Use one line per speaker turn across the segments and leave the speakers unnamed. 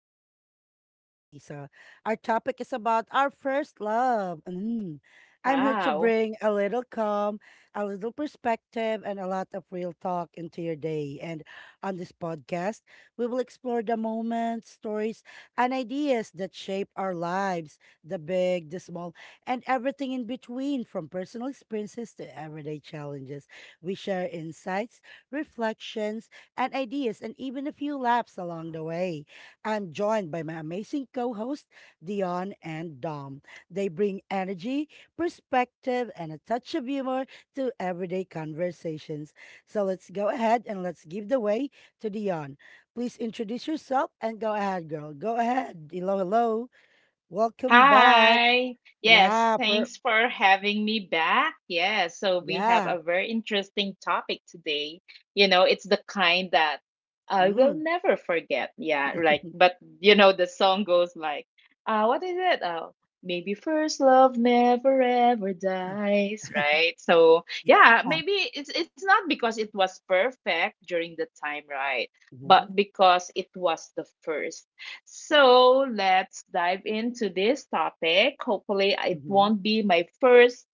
Reflections with Lisa. Our topic is about our first love. Mm. I'm here to
Wow.
bring a little calm, a little perspective, and a lot of real talk into your day. And on this podcast, we will explore the moments, stories, and ideas that shape our lives, the big, the small, and everything in between, from personal experiences to everyday challenges. We share insights, reflections, and ideas, and even a few laughs along the way. I'm joined by my amazing co hosts, Dion and Dom. They bring energy, perspective, and a touch of humor to everyday conversations. So let's go ahead and let's give the way to Dion. Please introduce yourself and go ahead, girl. Go ahead. Hello, hello. Welcome back.
Hi.
Yeah, per
Thanks for having me back. Yeah. So we have
yeah.
a very interesting topic today. You know, it's the kind that I will
Mm.
never forget. Yeah. Like, but the song goes like, what is it? Oh, maybe first love never ever dies, right? So yeah,
yeah.
maybe it's not because it was perfect during the time, right?
Hmm.
But because it was the first. So let's dive into this topic. Hopefully, it
Hmm.
won't be my first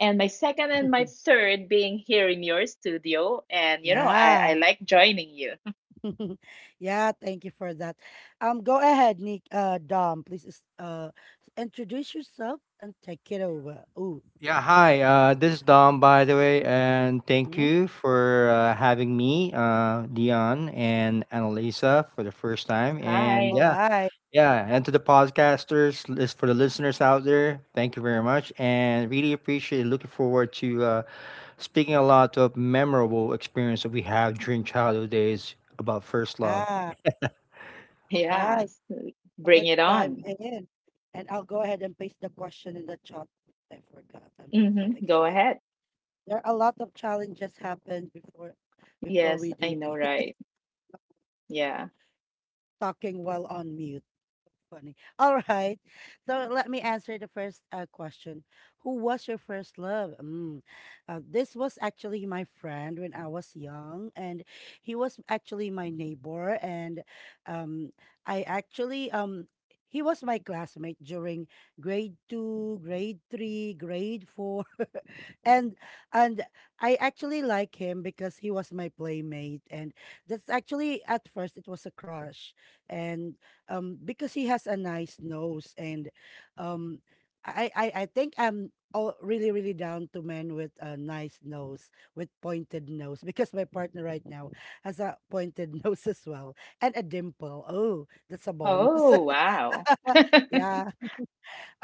and my second and my third being here in your studio. And, I
Yeah.
like joining you.
yeah, thank you for that. Go ahead, Nick. Dom, please introduce yourself and take it over. Ooh,
Yeah, hi. This is Dom, by the way, and thank
mhm.
you for having me, Dion and Annalisa, for the first time.
Hi.
And
All
yeah,
right.
yeah, and to the podcasters, for the listeners out there, thank you very much, and really appreciate. It. Looking forward to speaking a lot of memorable experience that we have during childhood days about first love.
Ah, all right.
Yes.
So
Bring
let's
it
dive
on.
in, and I'll go ahead and paste the question in the chat. I forgot. I'm just so
Hmm. Go
excited.
ahead.
There are a lot of challenges happened before
Yes,
we
I
do
know,
this.
right? Yeah.
Talking while on mute. Funny. All right. So let me answer the first question. Who was your first love? Mm. This was actually my friend when I was young, and he was actually my neighbor. And, um, I actually he was my classmate during grade two, grade three, grade four, and and I actually like him because he was my playmate, and that's actually, at first it was a crush. And because he has a nice nose. And um I think I'm all really really down to men with a nice nose, with pointed nose, because my partner right now has a pointed nose as well, and a dimple. Oh, that's a bonus.
Oh, wow.
Yeah.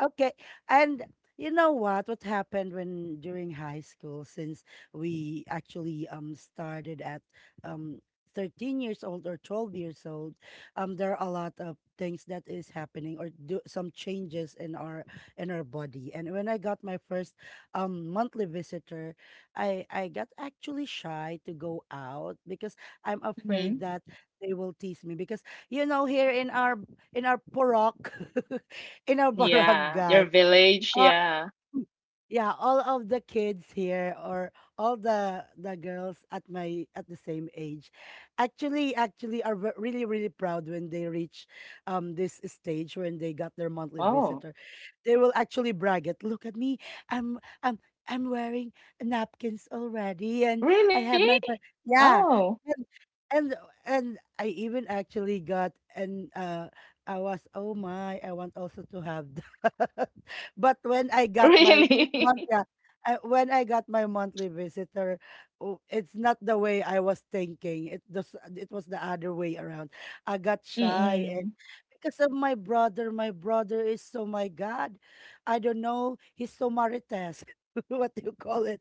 Okay. And you know what? What happened when, during high school, since we actually started at um 13 years old or 12 years old, there are a lot of things that is happening or do some changes in our body. And when I got my first monthly visitor, I got actually shy to go out because I'm afraid
Hmm.
that they will tease me, because you know, here in our porok, in a
Yeah. Your
barangay.
village. Yeah.
Mm. Yeah, all of the kids here, or all the girls at my, at the same age, actually are really really proud when they reach this stage, when they got their monthly visitor.
Oh,
They will actually brag it. "Look at me. I'm I'm I'm wearing napkins already, and I have
really?
my yeah."
Oh,
And and and I even actually got, and I was, oh my, I want also to have that. But when I got my
really?
yeah, when I got my monthly visitor, oh, it's not the way I was thinking. It was the other way around. I got shy, and
Mm-mm.
because of my brother is so, my god, I don't know, he's so marites, what do you call it?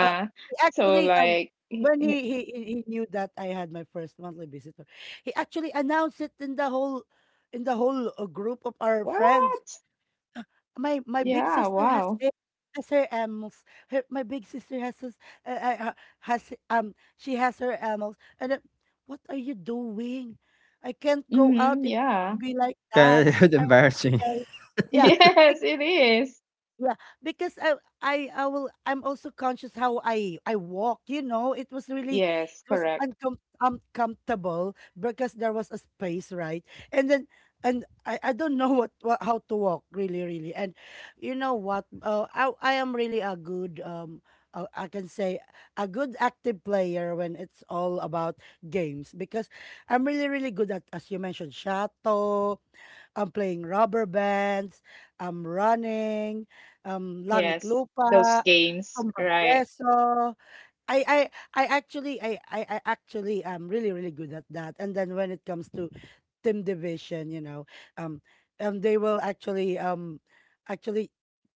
Uh, he
So
actually,
like
when he knew that I had my first monthly visitor, he actually announced it in the whole group of our
wow.
friends. "My
Yeah,
big sister has
wow.
it, has her animals. Her, my big sister has this, uh, uh, uh, has she has her animals." And then, what are you doing? I can't go out
Mm-hmm,
if you
yeah.
would be like
It's
that.
kind of
I would be
embarrassing.
very, yeah.
Yes, it is.
Yeah, because I'm also conscious how I walk, It was really,
Yes,
it was
correct.
uncom uncomfortable because there was a space, right? And then and I don't know what, how to walk really really. And you know what? I am really a good I can say, a good active player when it's all about games, because I'm really really good at, as you mentioned, Shato. I'm playing rubber bands, I'm running, Langit
Yes, those
Lupa,
games,
Sobrang
right?
Preso. I I I actually am really really good at that. And then when it comes to team division, you know, um, they will actually, actually,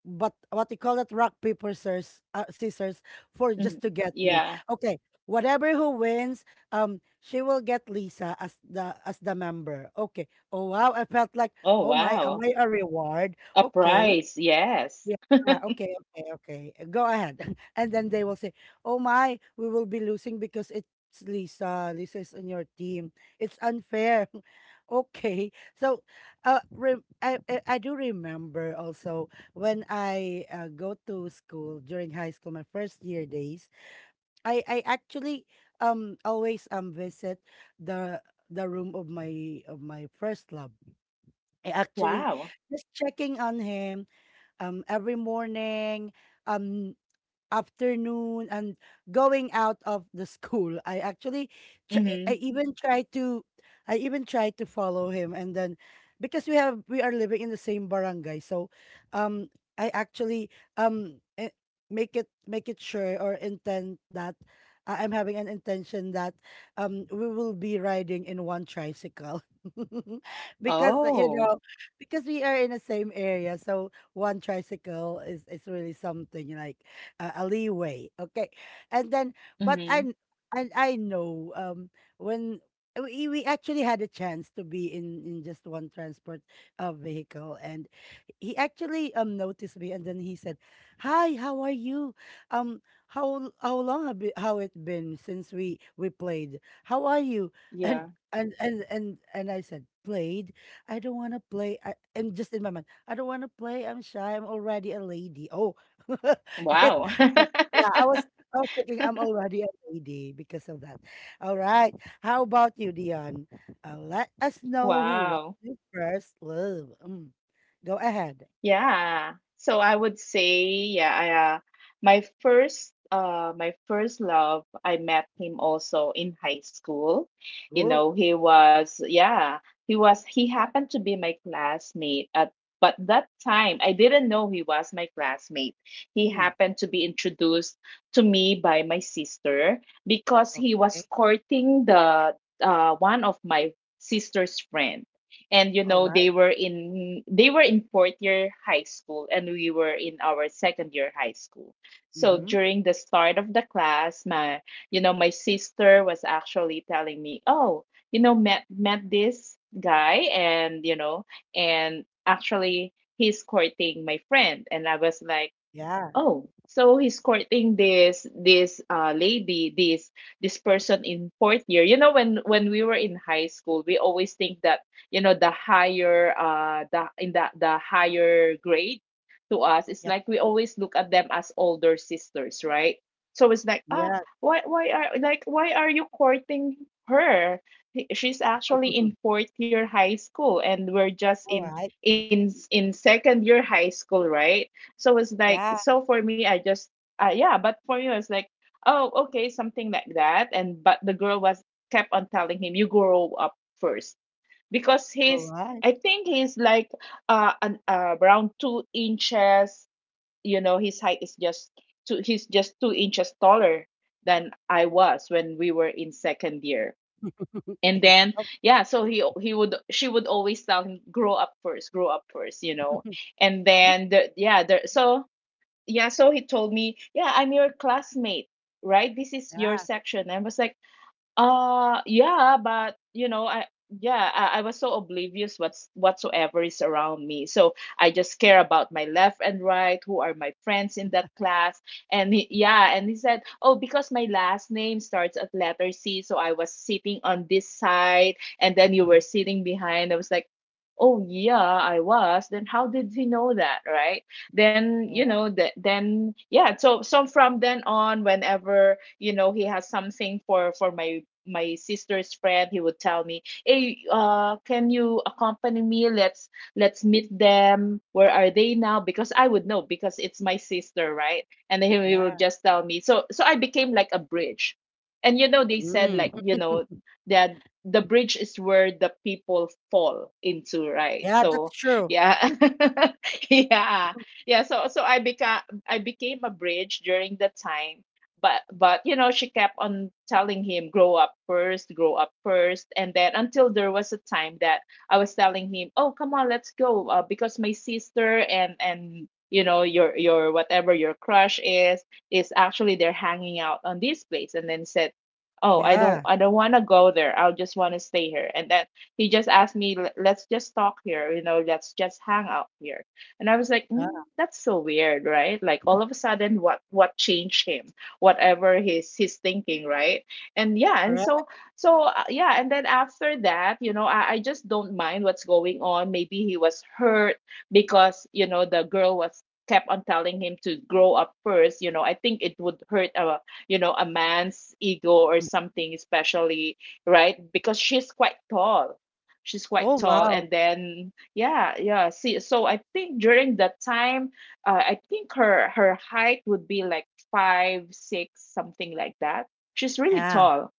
but what you call it, rock paper scissors, for
Hmm.
just to get me.
Yeah.
Okay, whatever who wins, she will get Lisa as the member. Okay. Oh, wow, I felt like,
Oh,
oh my, am
wow.
I a reward?
A
Okay.
prize, yes.
Yeah. Ah, okay. Okay. Okay. Go ahead. And then they will say, "Oh my, we will be losing because it's Lisa. Lisa is in your team. It's unfair." Okay. So, I do remember also when I go to school during high school, my first year days. I actually always visit the the room of my first love. I actually
Wow.
just checking on him, every morning. Um, Afternoon, and going out of the school. I actually, tr-
Mm-hmm.
I even try to, I even tried to follow him, and then because we are living in the same barangay, so, um, I actually um eh, make it sure or intend that. I'm having an intention that we will be riding in one tricycle. Because,
Oh.
because we are in the same area, so one tricycle is really something like, a leeway. Okay, and then, but
Mm-hmm.
I and I know, when. We actually had a chance to be in just one transport vehicle, and he actually noticed me, and then he said, "Hi, how are you, um how long how it been since we played? How are you?" and
Yeah.
and and and, and I said, played, I don't want to play. And just in my mind, I don't want to play, I'm shy, I'm already a lady, oh.
Wow.
But yeah, I was thinking I'm already a lady because of that. All right. How about you, Dion? Let us know who was
Wow.
your first love. Mm. Go ahead.
Yeah. So I would say, yeah, my first love, I met him also in high school. You
Go.
know, he was yeah, he happened to be my classmate at, but that time I didn't know he was my classmate. He
Mm.
happened to be introduced to me by my sister because he was
Okay.
courting the, one of my sister's friend. And you
All
know, they
right.
were in they were in fourth year high school and we were in our second year high school. So
Mm-hmm.
during the start of the class, my you know my sister was actually telling me, oh, you know, met this guy, and, you know, and actually he's courting my friend. And I was like,
Yeah.
oh, so he's courting this, lady, this person in fourth year. You know, when we were in high school, we always think that, you know, the higher the in the the higher grade, to us, it's
Yeah.
like we always look at them as older sisters, right? So it's like,
Yeah.
why are you courting her? He- she's actually in fourth year high school, and we're just
All
in
right.
in in second year high school, right? So it's like,
Yeah.
so for me, yeah, but for me, it's like, oh, okay, something like that. And, but the girl was kept on telling him, you grow up first, because
All right.
I think he's like, around 2 inches, you know, his height is he's just 2 inches taller than I was when we were in second year. And then,
Oh.
yeah, so he would she would always tell him, grow up first, And
be-
then the yeah, there so yeah so he told me, yeah, I'm your classmate, right? This is your
yeah.
section. I was like, yeah, but you know, I was so oblivious what's whatsoever is around me. So I just care about my left and right, who are my friends in that class. Yeah, and he said, "Oh, because my last name starts at letter C, so I was sitting on this side and then you were sitting behind." I was like, "Oh, yeah, I was." Then how did he know that, right? Then, you know,
Oh.
that then yeah, so from then on, whenever, you know, he has something for my sister's friend, he would tell me, hey, can you accompany me, let's meet them, where are they now, because I would know because it's my sister, right? And then he will
Yeah.
just tell me. So I became like a bridge. And you know, they said, like,
Mm.
you know, that the bridge is where the people fall into, right?
Yeah, that's
So
true.
yeah. Yeah, yeah. So I became a bridge during that time. But you know, she kept on telling him, grow up first, grow up first. And then until there was a time that I was telling him, oh, come on, let's go, because my sister and, you know, your whatever your crush is actually, they're hanging out on this place. And then said, oh, i don't
Yeah.
i don't want to go there, I will just want to stay here. And then he just asked me, Let's just talk here, you know, let's just hang out here." And I was like,
Yeah.
that's so weird, right? Like, all of a sudden, what changed him, whatever he's thinking, right? And yeah, and
Correct.
so yeah, and then after that, you know, I just don't mind what's going on. Maybe he was hurt because, you know, the girl was kept on telling him to grow up first. You know, I think it would hurt a, man's ego or
Mm.
something, especially, right? Because she's quite tall,
Oh, wow.
and then, yeah, yeah, see, so I think during that time, I think her height would be like 5'6", something like that. She's really
Yeah.
tall,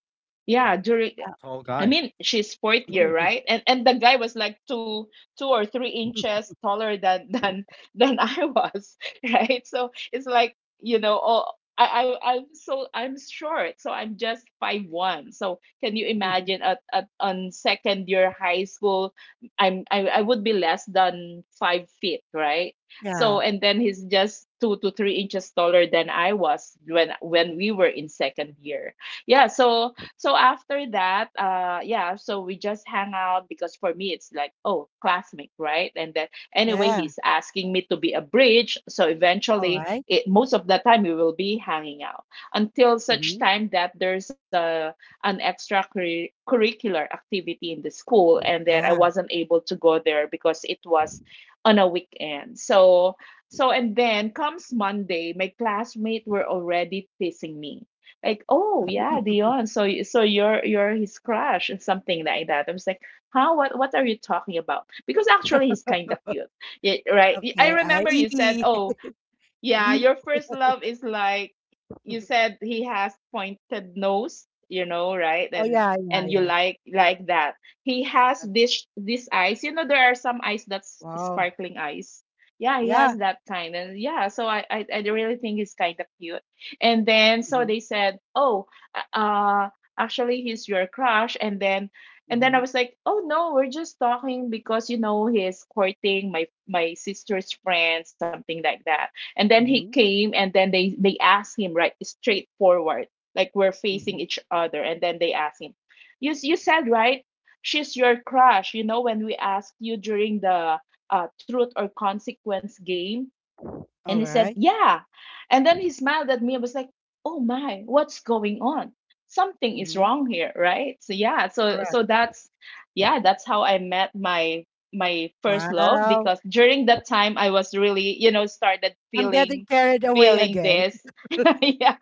Wow,
yeah. during
tall
I
guy.
mean, she's fourth year,
Yeah.
right? And the guy was like 2 or 3 inches taller than than I was, right? So it's like, you know, oh, I'm short, so I'm just 5'1". So can you imagine, at on second year high school, I would be less than 5 feet, right? So
Yeah.
and then he's just 2 to 3 inches taller than I was when we were in second year, yeah. So, so after that, yeah, so we just hang out because for me it's like, oh, classmate, right? And then anyway,
Yeah,
he's asking me to be a bridge. So eventually,
alright.
most of the time we will be hanging out, until such
Mhm.
time that there's a an extra curricular activity in the school, and then I
Yeah,
wasn't able to go there because it was on a weekend. So, and then comes Monday, my classmates were already teasing me, like, oh, yeah, Dion, so so you're his crush and something like that. I was like, huh, what are you talking about? Because actually, he's kind of cute, right. I
okay. I.
remember you said, oh, yeah,
Mm.
your first love is, like, you said he has pointed nose, you know, right?
Oh,
And
yeah, yeah,
and you
yeah.
like that. He has
Yes.
this, eyes. You know, there are some eyes that's
Wow.
sparkling eyes. Yeah, he
Yeah.
has that kind. And yeah, so I really think he's kind of cute. And then so
Mhm,
they said, "Oh, uh uh, actually he's your crush." And then I
mhm,
was like, "Oh no, we're just talking because, you know, he's courting my, sister's friend, something like that." And then he
mhm,
came, and then they asked him right straightforward, like we're
mhm.
facing each other. And then they asked him, "You said, right, she's your crush, you know, when we asked you during the, truth or consequence game." And he said,
Alright.
"Yeah," and then he smiled at me and was like, "Oh my, what's going on?" Something is
Mhm.
wrong here, right? So yeah, so
Correct.
so that yeah, that's how I met my, first love,
Wow.
because during that time I was really, you know, started
I'm getting carried away
feeling
again.
this. Yeah.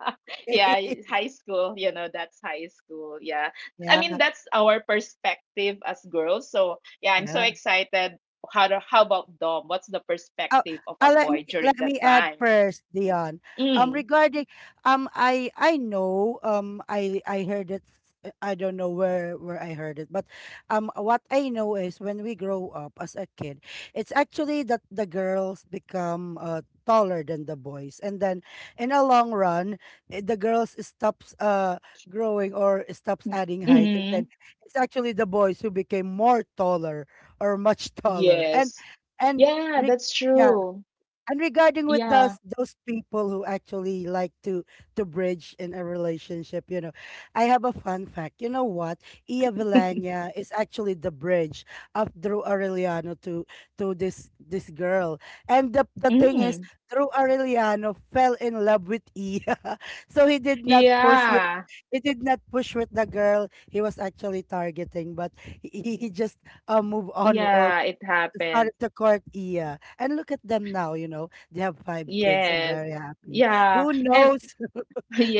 Yeah, high school, you know, that's high school. Yeah. I
Yeah,
mean, that's our perspective as girls. So, yeah, I'm so
yeah.
excited how about Dom? What's the
Oh,
perspective of a
let
boy
me
during
let
that
me add
time?
first, Dion. Regarding, I know, I heard it. I don't know where I heard it, but what I know is, when we grow up as a kid, it's actually that the girls become taller than the boys, and then in a long run, the girls stops growing, or stops adding height, and
Mm-hmm.
then it's actually the boys who became more taller, or much
Yeah.
taller, and.
Yeah,
Re-
that's
yeah,
true.
and regarding with
Yeah.
those people who actually like to bridge in a relationship, you know, I have a fun fact. You know what? Ia Villania is actually the bridge of Drew Aureliano to this girl. And the thing is,
Mm.
Drew Aureliano fell in love with Ia, so
Yeah.
he did not push with the girl he was actually targeting, but he just, move
Yeah,
on, or
it happened.
started to court Iya. And look at them now, you know, they have five kids,
Yes,
and very happy.
yeah.
Who knows?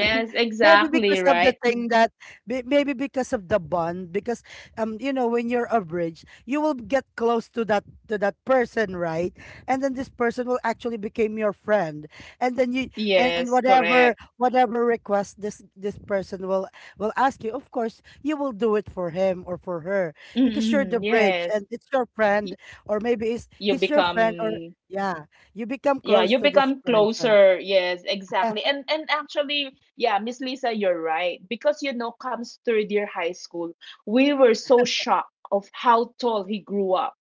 Maybe because
exactly,
of the
right?
thing that, maybe because of the bond. Because you know, when you're a bridge, you will get close to that person, right? And then this person will actually become your friend, and then you, and
Yes,
whatever,
correct.
request this person will, ask you, of course you will do it for him or for her, because you're
Mm,
the
mm,
bridge,
yes.
and it's your friend.
Y
Or maybe it's
You
he's your friend, or
become,
yeah, you become
yeah,
close
you
to this
become
person.
closer. Yes, exactly. And actually, yeah, Miss Lisa, you're right. Because, you know, comes third year high school, we were so shocked of how tall he grew up.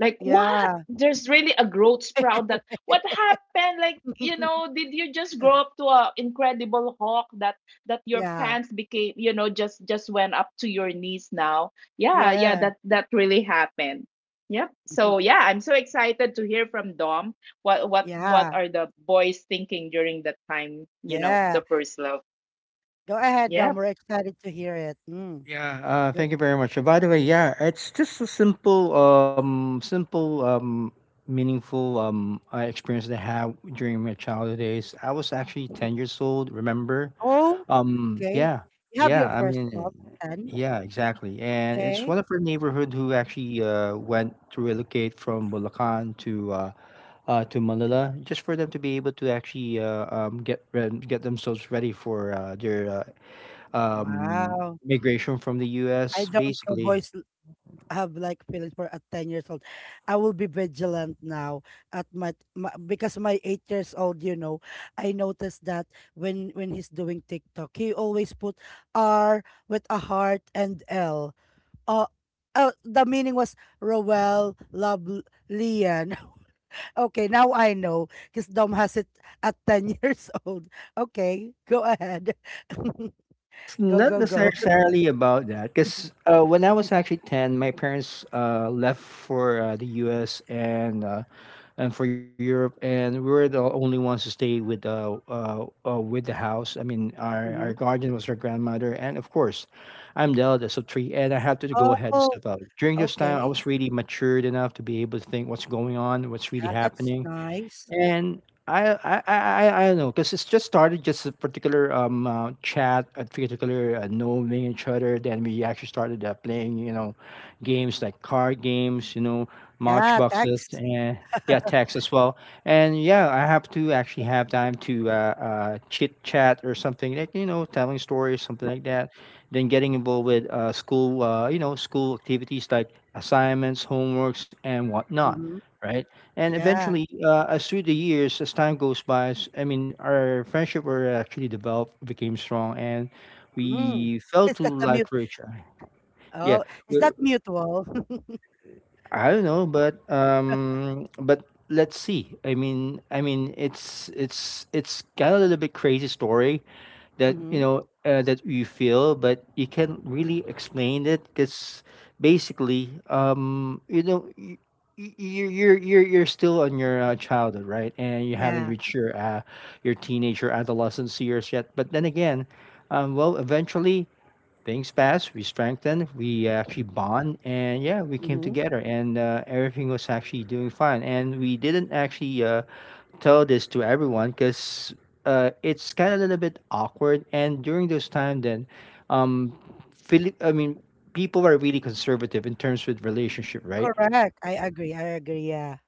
Like, what?
Yeah.
There's really a growth sprout that what happened? Like, you know, did you just grow up to a incredible hawk that your
Yeah.
pants became, you know, just went up to your knees now? Yeah, yeah,
Yeah.
that really happened. Yep.
Mhm.
So yeah, I'm so excited to hear from Dom what
Yeah.
are the boys thinking during that time, you know, the
Yeah.
person?
Go ahead,
Yeah.
Dom. We're excited to hear it. Mm.
Yeah,
Good.
thank you very much. By the way, yeah, it's just a simple, simple, meaningful experience that I had during my childhood days. I was actually ten years old, remember?
Oh,
Um,
okay.
yeah,
You have
yeah,
your
I
first
mean,
love at 10.
yeah, exactly. And it's
Okay.
one of our neighborhood who actually went to relocate from Bulacan to Manila, just for them to be able to actually get themselves ready for their
Wow.
migration from the
I
US,
don't know
basically.
boys have like feelings for at 10 years old. I will be vigilant now at my, because my 8 years old, you know, I noticed that when he's doing TikTok, he always put R with a heart and L. Uh, oh, the meaning was Roel love Lian. Okay, now I know, because Dom has it at 10 years old. Okay, go ahead.
It's
go,
not
go, go.
necessarily about that because when I was actually ten, my parents left for the US and for Europe, and we were the only ones to stay with the house. I mean,
Hmm.
our guardian was our grandmother, and of course, I'm the eldest of three, and I had to go ahead and
Oh,
step up. During this time, I
okay.
was really matured enough to be able to think what's going on, what's really
Yeah, that's
happening.
nice.
And I don't know because it's just started just a particular chat, a particular knowing each other. Then we actually started playing, you know, games like card games, you know,
Yeah,
matchboxes,
text.
and yeah, text as well. And yeah, I have to actually have time to chit chat or something like, you know, telling stories, something like that. Then getting involved with school, you know, school activities like assignments, homeworks, and whatnot,
Mhm.
right? And
Yeah.
eventually, as through the years, as time goes by, I mean, our friendship were actually developed, became strong, and
Mm.
we fell
Is
to
that a mute?
like richer. Yeah,
Oh, is
we
that mutual?
I don't know, but let's see. I mean, it's kind of a little bit crazy story that, you
Mm-hmm.
know, that you feel, but you can't really explain it because basically, you know. You're still on your childhood, right? And you haven't
Yeah.
reached your teenage or adolescence years yet. But then again, well, eventually things passed. We strengthened. We actually bond, and yeah, we came
Mm-hmm.
together, and everything was actually doing fine. And we didn't actually tell this to everyone because it's kind of a little bit awkward. And during those time, then, um, I mean, people are really conservative in terms with relationship, right?
Correct. I agree. I agree. Yeah.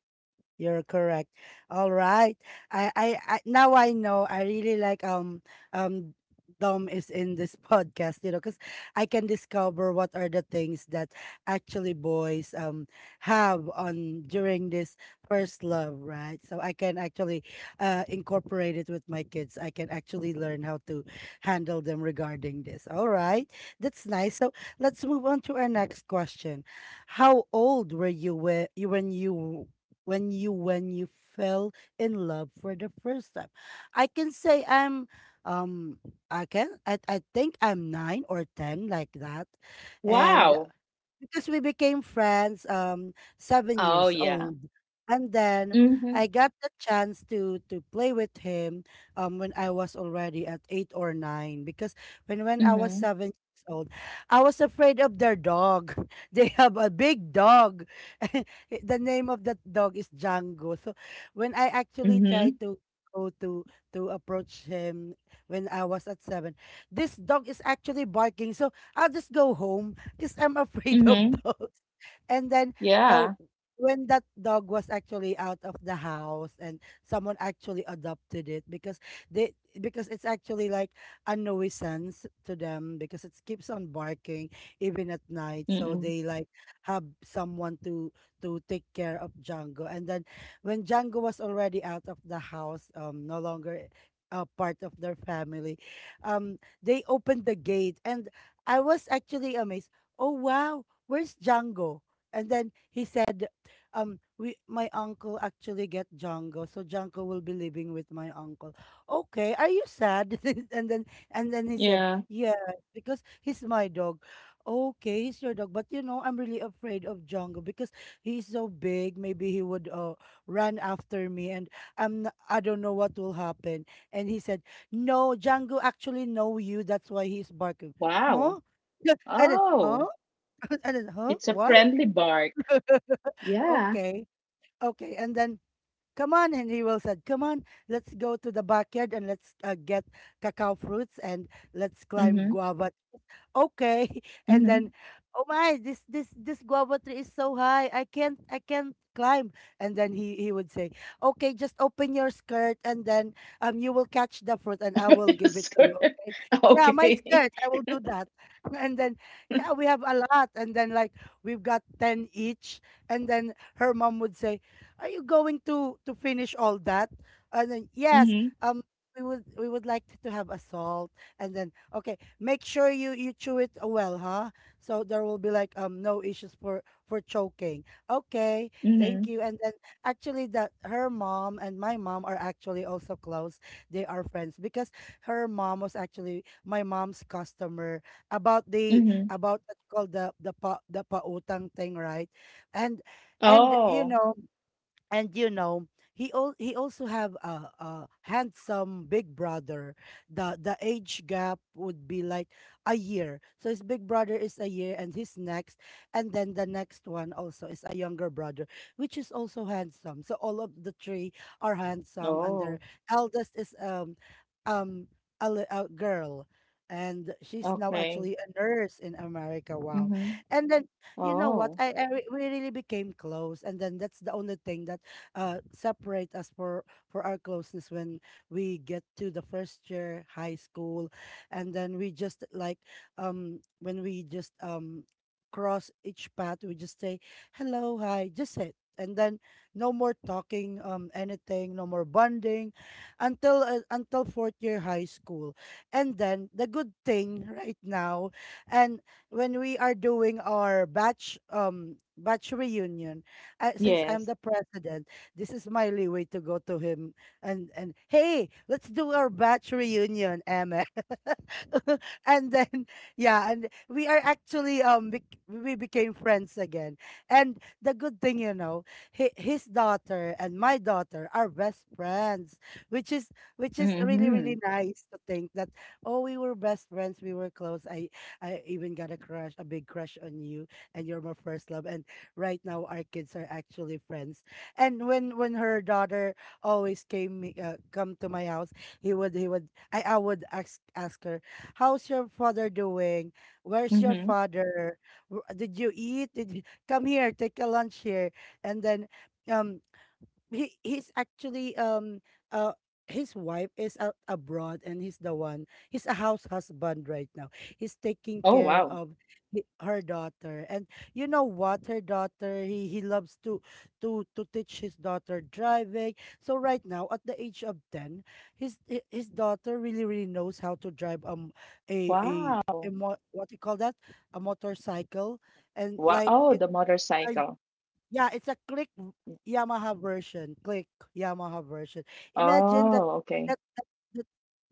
You're correct. All right. I now I know I really like um Dom is in this podcast, because I can discover what are the things that actually boys have on during this first love, right? So I can actually incorporate it with my kids. I can actually learn how to handle them regarding this. All right. That's nice. So let's move on to our next question. How old were you when you fell in love for the first time? I can say I'm um I can I think I'm nine or ten like that, and
Wow.
because we became friends seven
Oh,
years
yeah.
old, and then
Mhm.
I got the chance to play with him when I was already at eight or nine, because when I was
Mhm.
7 years old, I was afraid of their dog. They have a big dog. The name of that dog is Django. So when I actually tried
Mhm.
to go to approach him when I was at seven, this dog is actually barking, so I'll just go home because I'm afraid of
Mhm.
dogs. And then uh,
Yeah.
when that dog was actually out of the house and someone actually adopted it, they because it's actually like a nuisance to them because it keeps on barking even at night, so
Mm-mm.
they like have someone to take care of Django. And then when Django was already out of the house, no longer a part of their family, they opened the gate and I was actually amazed. Oh, wow, where's Django? And then he said, we my uncle actually get Django, so Django will be living with my uncle. Okay, are you sad? And then, he said,
Yeah.
yeah, because he's my dog. Okay, he's your dog, but you know I'm really afraid of Django because he's so big. Maybe he would run after me, and I don't know what will happen. And he said, no, Django actually know you, that's why he's barking.
Wow.
Huh? Yeah, and then, huh?
Oh,
And then, huh?
it's a
Why?
friendly bark. Yeah.
Okay, okay. And then, come on, Henry will said, come on, let's go to the backyard and let's get cacao fruits, and let's climb
Mhm.
guava. Okay. And
Mhm.
then, oh my, this guava tree is so high, I can't climb. And then he would say, okay, just open your skirt and then you will catch the fruit and I will give it to you.
Sorry.
Okay, yeah, my
Okay.
skirt, I will do that. And then, yeah, we have a lot, and then, like, we've got 10 each. And then her mom would say, are you going to finish all that? And then, yes,
Mhm.
um we would like to have a salt. And then, okay, make sure you chew it well, huh? So there will be like no issues for choking. Okay, thank
Mhm.
you. And then, actually, that her mom and my mom are actually also close. They are friends because her mom was actually my mom's customer, about the,
Mhm.
about what called the pautang thing, right? And and you
Oh.
know and you know, he he also have a handsome big brother. The age gap would be like a year, so his big brother is a year, and his next, and then the next one also is a younger brother, which is also handsome, so all of the three are handsome, and their
Oh.
eldest is um a girl, and she's now
Okay.
actually a nurse in America. Wow.
Mhm.
And then, you know what,
Oh.
we really became close, and then that's the only thing that separate us for our closeness when we get to the first year high school. And then we just like, when we just cross each path, we just say hello, hi, just it. And then no more talking, anything, no more bonding, until fourth year high school. And then the good thing right now, and when we are doing our batch reunion, since
Yeah.
I'm the president, this is my leeway to go to him, and hey, let's do our batch reunion, Emma. And then, yeah, and we are actually we became friends again. And the good thing, you know, hi his daughter and my daughter are best friends, which is really really
Mhm.
nice to think that, oh, we were best friends, we were close. I even got a crush, a big crush on you, and you're my first love. And right now our kids are actually friends, and when her daughter always come to my house, I would ask her, "How's your father doing? Where's your
Mhm.
father? Did you eat? Did you come here? Take a lunch here?" And then, um he's actually, uh his wife is out abroad and he's the one. He's a house husband right now. He's taking care
Oh
of
wow.
her daughter. And you know what, her daughter, he loves to teach his daughter driving. So right now at the age of 10, his daughter really really knows how to drive,
Wow.
what do you call that, a motorcycle, and
Wow.
like
Oh,
it.
the
A
motorcycle.
Yeah, it's a Yamaha version. Click Yamaha version. Imagine
Oh, okay.
that that that,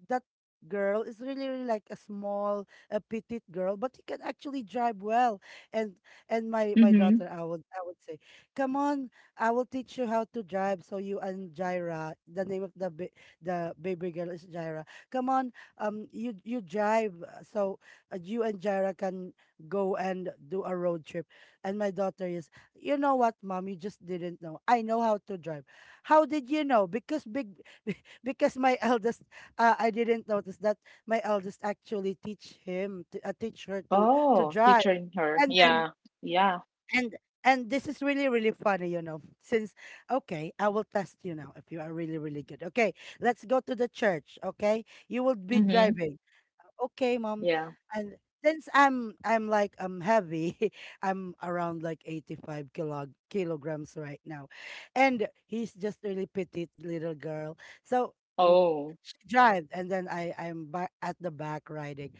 that girl is really, really like a small, a petite girl, but he can actually drive well. And, my
Mm-hmm.
daughter, I would say, come on, I will teach you how to drive. So you and Jaira, the name of the baby girl is Jaira. Come on, you drive. So you and Jaira can go and do a road trip. And my daughter is, you know what, mom? You just didn't know. I know how to drive. How did you know? Because big, because my eldest, I didn't notice that my eldest actually teach her to
Oh,
drive.
featuring her.
And then,
Yeah. Yeah.
and and this is really really funny, you know. Since, okay, I will test you now if you are really really good. Okay, let's go to the church. Okay, you will be
Mm-hmm.
driving, okay, mom.
Yeah.
And since I'm like I'm heavy, I'm around like 85 kilograms right now. And he's just really petite little girl. So w-
Oh.
she drives and then I'm back at the back riding.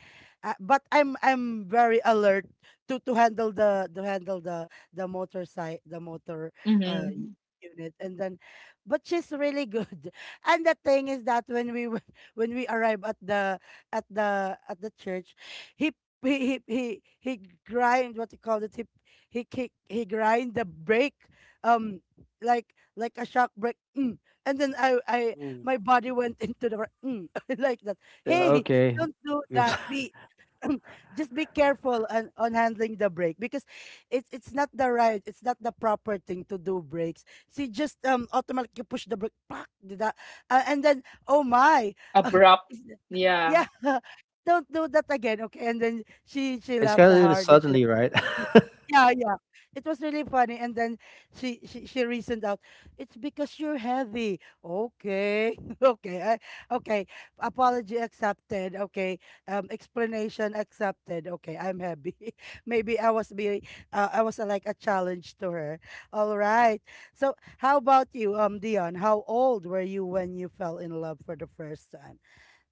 But I'm very alert to handle the motorcycle, uh y-
Mm-hmm.
unit, and then, but she's really good. And the thing is that when we when we arrive at the church, he he he he, he grind what you call it. He grind the brake, um, like a shock brake. Mm. And then, I
Ooh.
my body went into the like that. Hey,
Okay,
don't do
it's
that. Be just be careful on handling the brake, because it's not the proper thing to do brakes. See, just automatically push the brake, pak, did that, and then, oh my.
Abrupt. Yeah.
Yeah. Don't do that again, okay? And then she
kind
laughed
of a little
hard and she
suddenly,
laughed.
right?
Yeah, yeah. It was really funny. And then she reasoned out, it's because you're heavy. Okay. Okay. Okay. Apology accepted. Okay. Explanation accepted. Okay. I'm happy. Maybe I was like a challenge to her. All right. So, how about you, Dion? How old were you when you fell in love for the first time?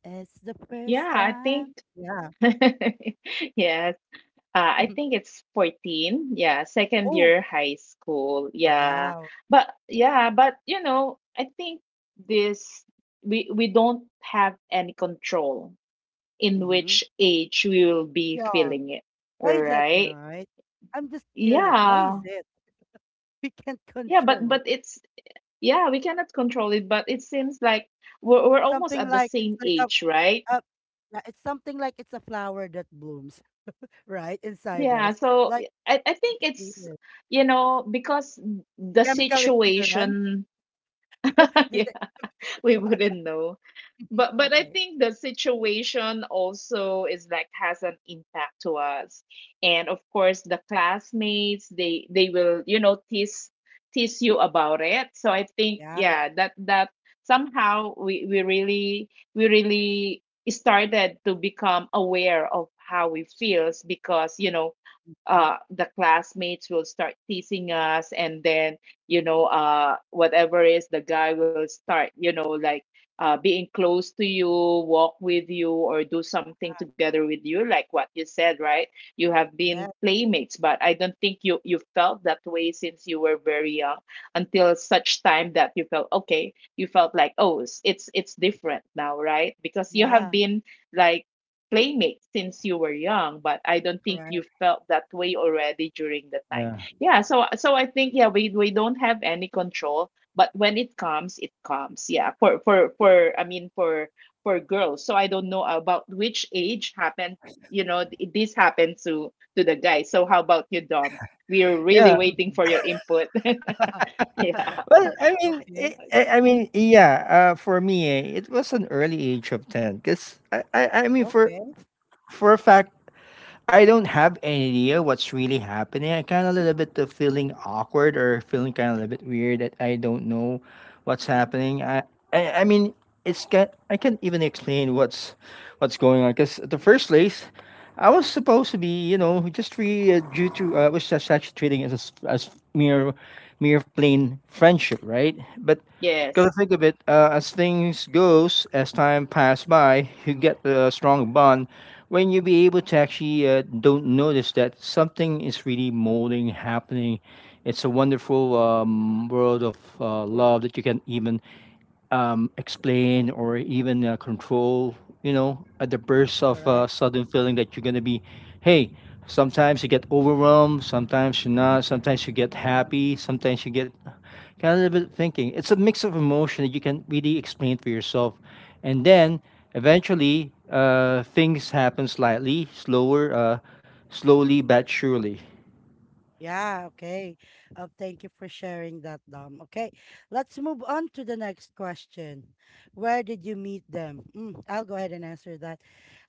It's the
Yeah,
first
I
time.
think.
Yeah.
Yes. I think it's 14. Yeah, second
Oh,
year high school. Yeah.
wow.
But yeah, but you know, I think this we don't have any control in
Hmm.
which age we will be
Yeah.
feeling it,
Why is it
right?
right? I'm just curious. Why is
Yeah,
it? We can't
yeah
control.
but it's yeah, we cannot control it, but it seems like we're
It's
almost
something
at the
like, it's
same
like
age, right?
a yeah, it's something like it's a flower that blooms right inside
Yeah,
us.
so
Like,
I think
it's
it's
feeling.
you know because the
Chemical imbalance.
situation.
This
Yeah,
is
we
imbalance.
wouldn't know, but I
Okay.
think the situation also is like has an impact to us, and of course the classmates they will you know tease you about it. So I think
Yeah.
yeah, that somehow we really started to become aware of how we feels because you know
Mhm.
the classmates will start teasing us, and then you know whatever is the guy will start you know like being close to you, walk with you, or do something together with you, like what you said, right? You have been
Yeah.
playmates, but I don't think you felt that way since you were very young, until such time that you felt okay. You felt like, oh, it's different now, right? Because you have
Yeah.
been like playmates since you were young, but I don't think you
Correct.
felt that way already during the time.
Yeah.
Yeah, so I think yeah, we don't have any control, but when it comes, it comes. Yeah, for girls, so I don't know about which age happened. You know, this happened to the guy. So how about you, Dom? We are really
yeah,
waiting for your input. Yeah,
Well, I mean,
Okay.
I mean, yeah. For me, it was an early age of ten, because I mean,
Okay.
for a fact I don't have any idea what's really happening. I kind of a little bit of feeling awkward or feeling kind of a little bit weird that I don't know what's
Mhm.
happening. I mean, it's can I can't even explain what's going on because the first place I was supposed to be, you know, just really due to I was just actually treating it as mere plain friendship, right? But
yes.
because to think of it, as things goes, as time pass by, you get a strong bond when you be able to actually don't notice that something is really molding, happening. It's a wonderful world of love that you can even explain or even control, you know, at the burst of
Correct.
sudden feeling that you're going to be, hey, sometimes you get overwhelmed, sometimes you're not, sometimes you get happy, sometimes you get kind of a little bit thinking. It's a mix of emotion that you can really explain for yourself. And then eventually things happen slightly, slower, slowly but surely.
Yeah, okay. Thank you for sharing that, Dom. Okay, let's move on to the next question. Where did you meet them? Mm, I'll go ahead and answer that.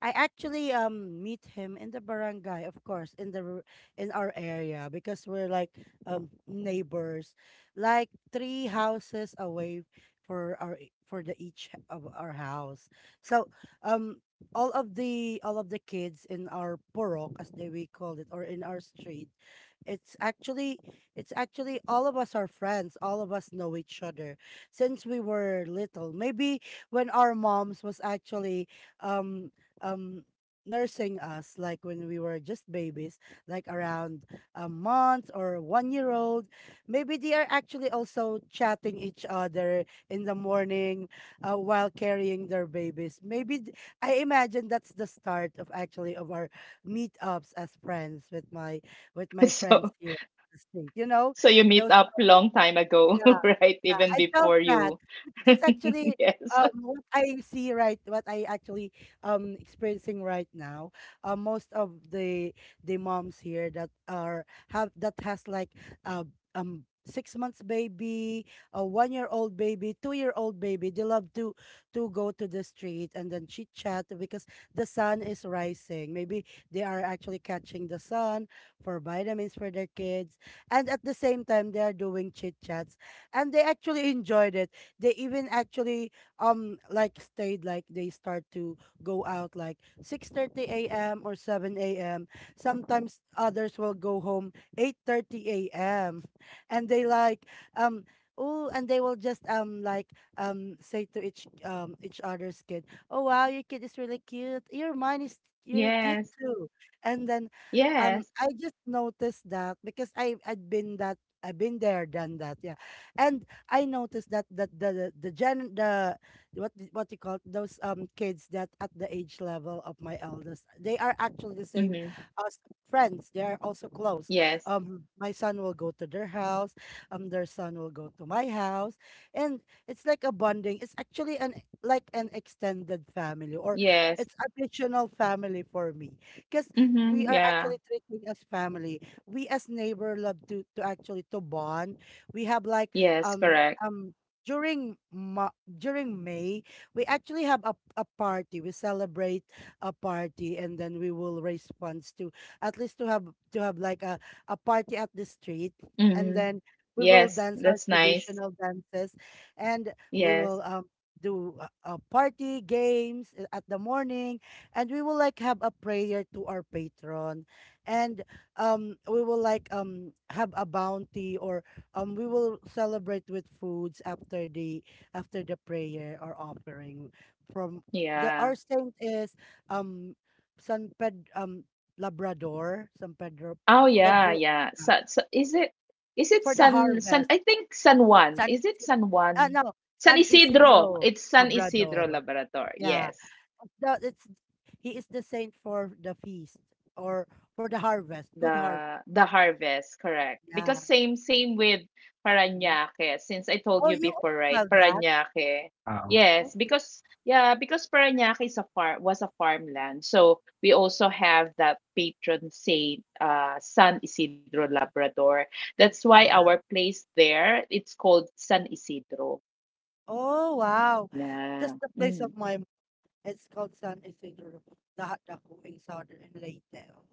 I actually meet him in the barangay, of course, in in our area because we're like neighbors, like three houses away for our e- for the each h- of our house. So um all of the kids in our porok, as they we called it, or in our street, it's actually it's actually all of us are friends. All of us know each other since we were little. Maybe when our moms was actually um um nursing us, like when we were just babies, like around a month or 1 year old, maybe they are actually also chatting each other in the morning, while carrying their babies. Maybe I imagine that's the start of actually of our meetups as friends with my friends
So
here in the state. You know,
so you meet
those
up long time ago,
uh,
right,
yeah,
even
I felt
before
that.
you.
Because it's actually,
Yes.
what I see, right, what I actually experiencing right now. Most of the moms here that are have that has like uh, 6 months baby, a 1 year old baby, 2 year old baby. They love to go to the street and then chit chat because the sun is rising. Maybe they are actually catching the sun for vitamins for their kids, and at the same time they are doing chit chats and they actually enjoyed it. They even actually like stayed, like they start to go out like 6:30 a.m. or 7 a.m. Sometimes others will go home 8:30 a.m. And they like, um oh, and they will just like say to each other's kid, "Oh wow, your kid is really cute. Your mine is your are cute
Yes.
too." And then
Yes.
I just noticed that because I've been there, done that. Yeah. And I noticed that the what you call those kids that at the age level of my eldest, they are actually the same
Mm-hmm.
as friends. They are also close.
Yes.
My son will go to their house. Their son will go to my house, and it's like a bonding. It's actually an like an extended family, or
Yes.
it's additional family for me because we
Mm-hmm.
are
Yeah.
actually treating as family. We as neighbor love to actually to bond. We have like,
Yes,
um
correct.
um during Ma- during May, we actually have a party. We celebrate a party, and then we will raise funds to at least to have like a party at the street, and
Mm-hmm.
then we will
Yes,
dance our
that's nice.
traditional dances, and we
Yes.
will do a party games at the morning, and we will like have a prayer to our patron. And we will like, have a bounty, or we will celebrate with foods after the prayer or offering from the
Yeah.
our saint is um San Ped Labrador San Pedro
Oh yeah,
Pedro
yeah.
uh,
So, so is it, is it
for the
San San
harvest.
I think San Juan.
San
Is it
Isidro,
San Juan?
no,
San
San
Isidro.
Isidro
It's San
Labrador.
Isidro Laboratory.
Yeah,
Yes.
it's the, it's he is the saint for the feast, or for the harvest, good harvest.
The harvest, correct,
Yeah.
because same with
Mm.
Parañaque. Since I told
Oh,
you
you
before,
also
right?
have that.
Parañaque,
Wow.
yes.
Okay.
Because yeah, because Parañaque is a farm, was a farmland, so we also have that patron saint, San Isidro Labrador. That's why
Yeah.
our place there, it's called San Isidro.
Oh, wow. Just
Yeah.
the place
Mm.
of my it's called San Isidro, Lahat Ako in Southern and Leyte.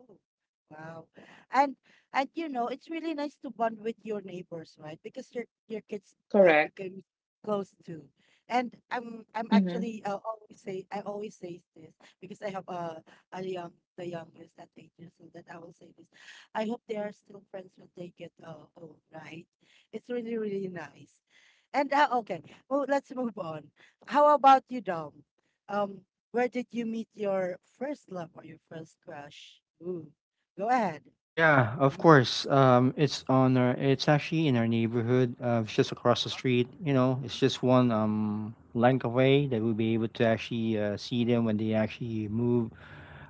Oh, wow. And and you know, it's really nice to bond with your neighbors, right? Because your kids,
Correct.
became close to. And I'm
Mm-hmm.
actually, always say I always say this because I have a young the youngest at 8 years old, that I will say this. I hope they are still friends when they get, old, right? It's really, really nice. And, okay, well, let's move on. How about you, Dom? Um, where did you meet your first love or your first crush? Ooh, go ahead.
Yeah, of
Mm.
course. It's on our. It's actually in our neighborhood. It's just across the street. You know, it's just one length away that we'll be able to actually see them when they actually move.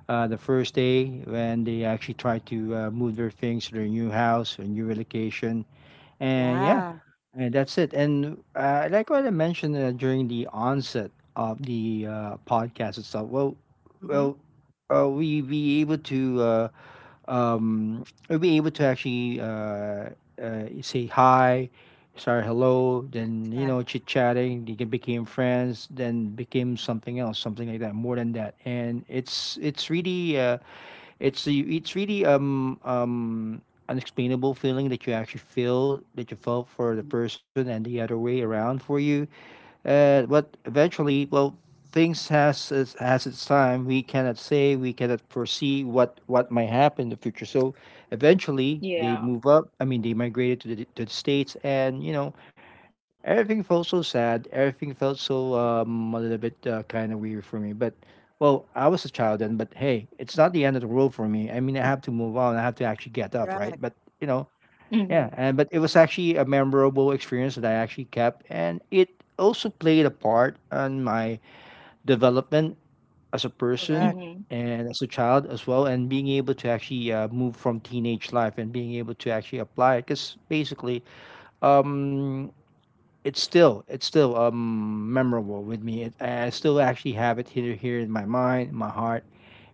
The first day when they actually try to move their things to their new house or new relocation, and yeah,
Yeah.
and that's it. And like what I mentioned during the onset of the podcast itself. Well,
Mm-hmm.
well, uh, we be able to. Um, we'll be able to actually say hi, sorry, hello, then, you
Yeah.
know, chit chatting. They can became friends, then became something else, something like that, more than that. And it's really it's really unexplainable feeling that you actually feel that you felt for the
Mm.
person and the other way around for you but eventually, well, things has its time. We cannot say, we cannot foresee what might happen in the future. So, eventually, they
Yeah.
move up. I mean, they migrated to the states, and you know, everything felt so sad. Everything felt so a little bit kind of weird for me. But well, I was a child then. But hey, it's not the end of the world for me. I mean, I have to move on. I have to actually get up, right?
Correct,
But you know, yeah,
Mm-hmm.
and but it was actually a memorable experience that I actually kept, and it also played a part on my development as a person
correct.
Mm-hmm.
and as a child as well, and being able to actually move from teenage life and being able to actually apply it, because basically, um, it's still memorable with me. It, I still actually have it here in my mind, my heart,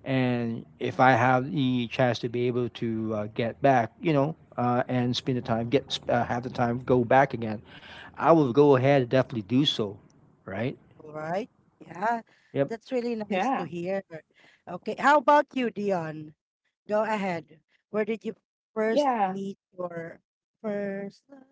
and if I have the chance to be able to get back, you know, and spend the time, get have the time, go back again, I will go ahead and definitely do so, right?
All right. Yeah,
Yep.
that's really nice
yeah
to hear. Okay, how about you, Dion? Go ahead. Where did you first
yeah.
meet your first love?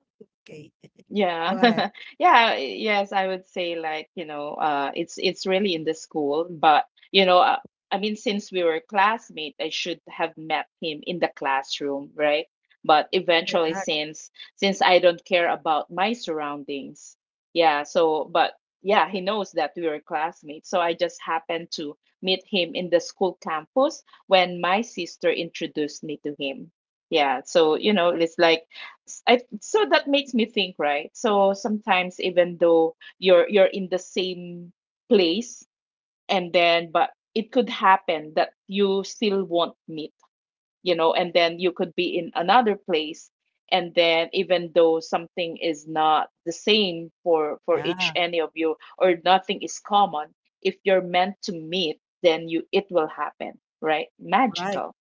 Okay,
Yeah.
go ahead.
Yeah, yes, I would say like, you know, it's really in the school, but you know, I mean since we were classmates, I should have met him in the classroom, right? But eventually,
Correct.
since I don't care about my surroundings. Yeah, so but yeah, he knows that we were classmates. So I just happened to meet him in the school campus when my sister introduced me to him. Yeah, so you know, it's like, so that makes me think, right? So sometimes even though you're in the same place, and then but it could happen that you still won't meet, you know, and then you could be in another place, and then even though something is not the same for each
Yeah,
any of you, or nothing is common, if you're meant to meet, then you, it will happen, right?
right.
Magical.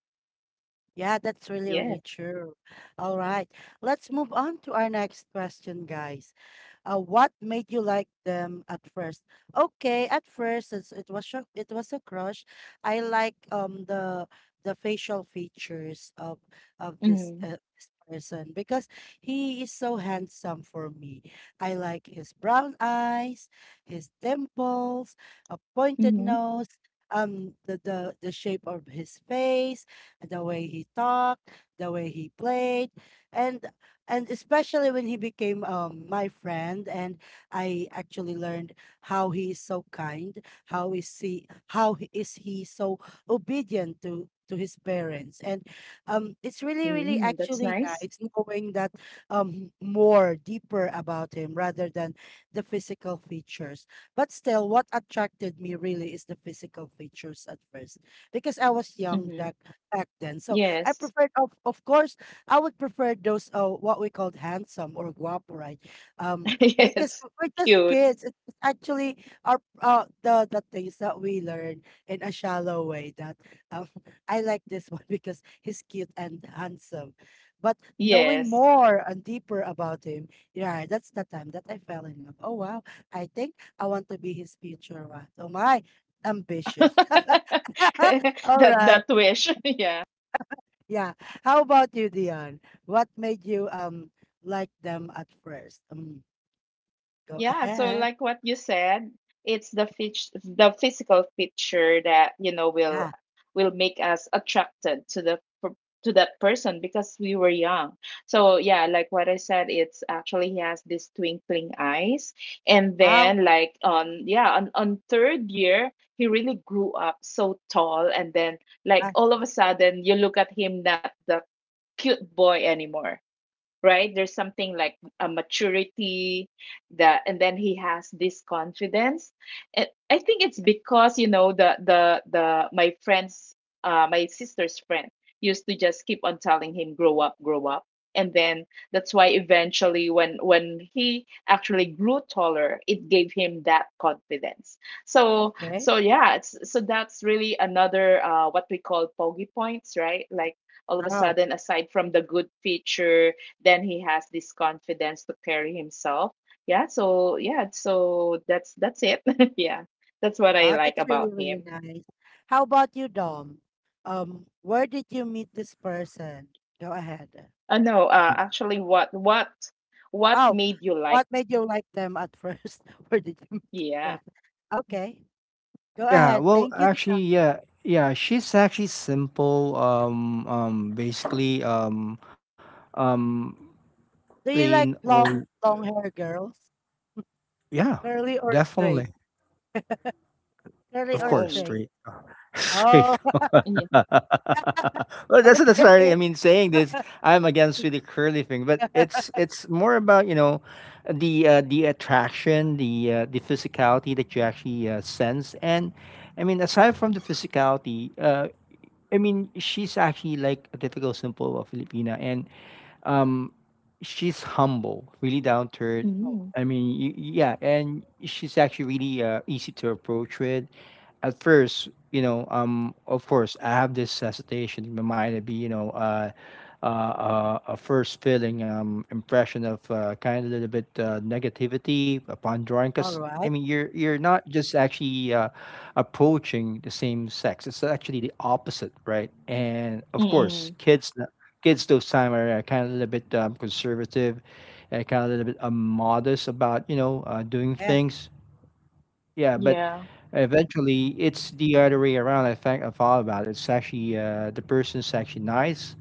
Yeah, that's really,
Yes.
really true. All right, let's move on to our next question, guys. What made you like them at first? Okay, at first it was a crush. I like the facial features of this,
Mm-hmm.
this person because he is so handsome for me. I like his brown eyes, his dimples, a pointed
Mm-hmm.
nose, the shape of his face, the way he talked, the way he played. And and especially when he became my friend and I actually learned how he is so kind, how is he how he- is he so obedient to his parents, and it's really, really
Mm-hmm. That's
actually
nice.
nice knowing that, more deeper about him rather than the physical features, but still what attracted me really is the physical features at first because I was young,
Mm-hmm.
that back then. So I
Yes.
preferred, of course, I would prefer those, what we called handsome or guapo, right? Um, because
Yes.
we're just
Cute.
kids. It's actually our the things that we learn in a shallow way. That, um, I like this one because he's cute and handsome, but knowing
Yes.
more and deeper about him, yeah, that's the time that I fell in love. Oh wow, I think I want to be his future wife. Oh my, ambitious. All
That
right.
that wish. Yeah.
Yeah. How about you, Dion? What made you like them at first? Go
Yeah, so
ahead.
like what you said, it's the fish, the physical picture that you know
Yeah.
will make us attracted to the to that person, because we were young. So yeah, like what I said, it's actually he has these twinkling eyes, and
Wow.
then like on yeah on third year he really grew up so tall, and then
Yeah.
like all of a sudden you look at him, not the cute boy anymore, right? There's something like a maturity that, and then he has this confidence. And I think it's because you know the my friends, my sister's friend, used to just keep on telling him, grow up, grow up. And then that's why eventually when he actually grew taller, it gave him that confidence. So
Okay.
so yeah, so that's really another what we call pogi points, right? Like all of a
Wow.
sudden, aside from the good feature, then he has this confidence to carry himself. Yeah, so yeah, so that's it. Yeah, that's what I
Wow.
like
That's really,
about
really
him.
nice. How about you, Dom? Where did you meet this person? Go ahead.
No
Yeah.
actually what
Oh,
made you like,
what made you like them at first? Where did you meet this
yeah.
person? Okay. Go
Yeah.
ahead.
Well,
Thank you, Dion.
actually, yeah. She's actually simple. Basically. Um.
Do you like
Plain
long,
old.
long hair girls?
Yeah.
Curly or straight?
Definitely.
Curly
Of
or
course.
Oh
straight?
Straight.
Oh,
Straight.
yeah.
Well, that's why
okay.
I mean saying this. I'm against with the curly thing, but it's more about, you know, the attraction, the physicality that you actually sense, and I mean aside from the physicality, I mean she's actually like a typical simple Filipina, and um she's humble, really down to earth.
Oh,
Mm.
Yeah, and she's actually really easy to approach with at first. You know, of course, I have this hesitation in my mind to be, you know, a first feeling impression of kind of a little bit negativity upon drawing,
all
because I
right.
mean you're not just actually approaching the same sex, it's actually the opposite, right? And of
Mm-mm.
course, kids those time are kind of a little bit conservative and kind of a little bit modest about, you know, doing
Yeah.
things. Yeah, but
Yeah.
eventually it's the other way around. I think I thought about it. It's actually the person's actually nice.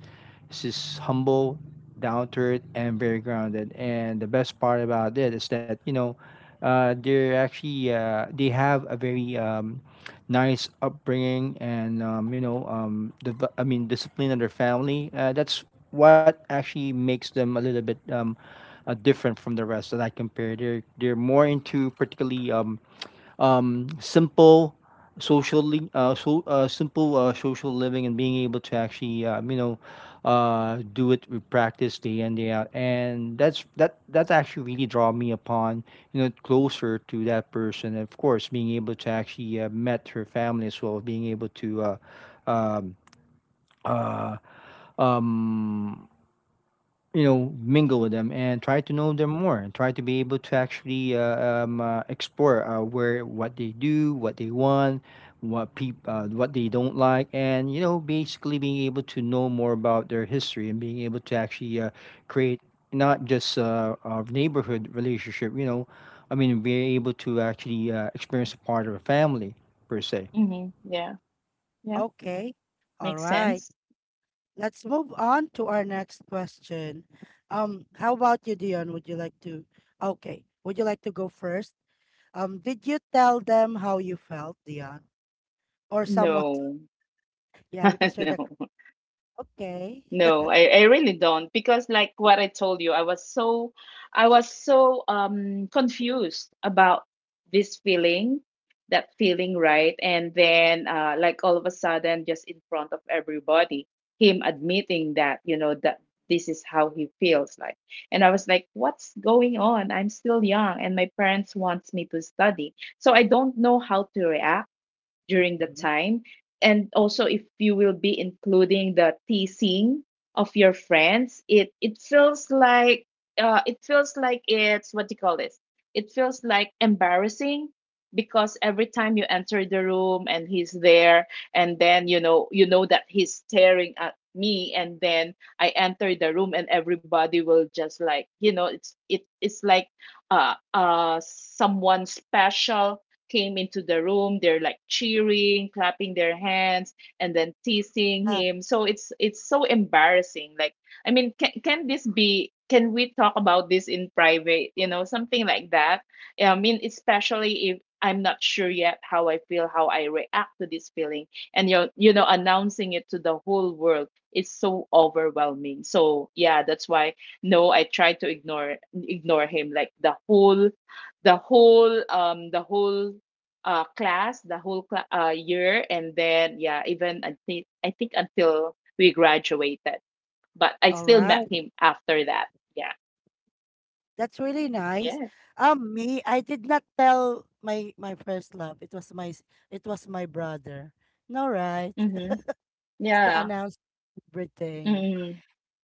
She's humble, down to earth, and very grounded. And the best part about it is that, you know, they have a very nice upbringing and you know the I mean discipline of their family. That's what actually makes them a little bit different from the rest that I compare. They're more into particularly simple social li- so simple social living and being able to actually you know, do it with practice day in day out, and that's that actually really draw me upon, you know, closer to that person. And of course, being able to actually met her family as well, being able to um, um you know, mingle with them and try to know them more, and try to be able to actually explore where what they do, what they want, what they don't like. And you know, basically being able to know more about their history and being able to actually create not just a neighborhood relationship. You know, I mean be able to actually experience a part of a family, per se.
Hmm, yeah. Yeah,
Okay. All
makes
right.
sense.
Let's move on to our next question. How about you, Dion? Would you like to? Okay. Would you like to go first? Did you tell them how you felt, Dion, or someone?
No.
Yeah, because you're the.
No.
Okay.
No, I really don't, because like what I told you, I was so, I was so confused about this feeling, that feeling, right? And then like all of a sudden just in front of everybody, him admitting that, you know, that this is how he feels like. And I was like, what's going on? I'm still young and my parents wants me to study. So I don't know how to react during the
Mhm.
time. And also, if you will be including the teasing of your friends, it feels like, it feels like it's, what do you call this? It feels like embarrassing, because every time you enter the room and he's there, and then you know that he's staring at me, and then I enter the room and everybody will just like you know it's like someone special came into the room, they're like cheering, clapping their hands, and then teasing
Ah,
him. So it's so embarrassing, like, I mean, can this be, can we talk about this in private, you know, something like that? I mean, especially if I'm not sure yet how I feel, how I react to this feeling, and you know announcing it to the whole world is so overwhelming. So yeah, that's why no, I try to ignore him like the whole, the whole class, the whole year, and then yeah, even I think until we graduated, but I
all
still met
right.
him after that. Yeah.
That's really nice.
Yeah.
Me, I did not tell my first love. It was it was my brother. No, right.
Mm-hmm.
It's the
Yeah.
announcement everything.
Mm-hmm.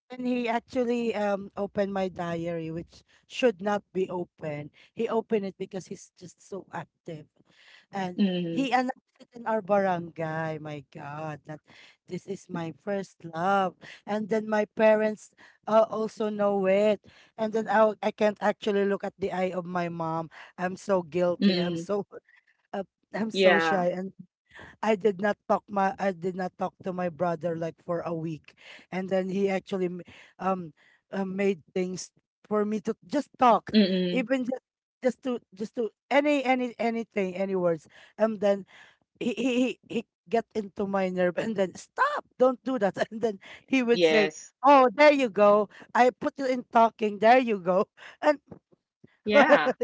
And he actually opened my diary, which should not be open, he opened it because he's just so active, and
Mm-hmm.
he announced it in our barangay. My God, that this is my first love, and then my parents, also know it, and then I can't actually look at the eye of my mom. I'm so guilty. I'm
Mm-hmm.
so uh, I'm so
Yeah.
shy, and I did not talk my I did not talk to my brother like for a week, and then he actually um made things for me to just talk,
Mm-hmm.
even just to any words, and then he get into my nerve and then stop don't do that and then he would say,
Yes.
oh there you go, I put you in talking, there you go and
Yeah.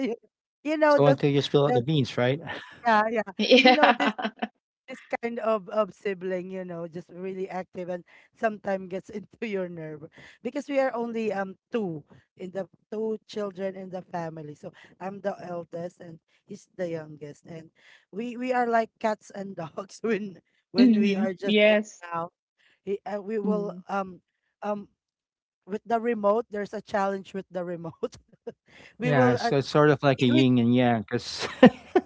you know
So until you spill out
the
the beans, right?
yeah, yeah, you know this
Yeah.
this kind of sibling, you know, just really active and sometimes gets into your nerve because we are only two in the two children in the family. So I'm the eldest and he's the youngest, and we are like cats and dogs when we
Mm-hmm.
are just in
Yes.
now. We will
Mm.
um with the remote. There's a challenge with the remote. We
Yeah,
will,
so it's sort of like a
we
yin and yang because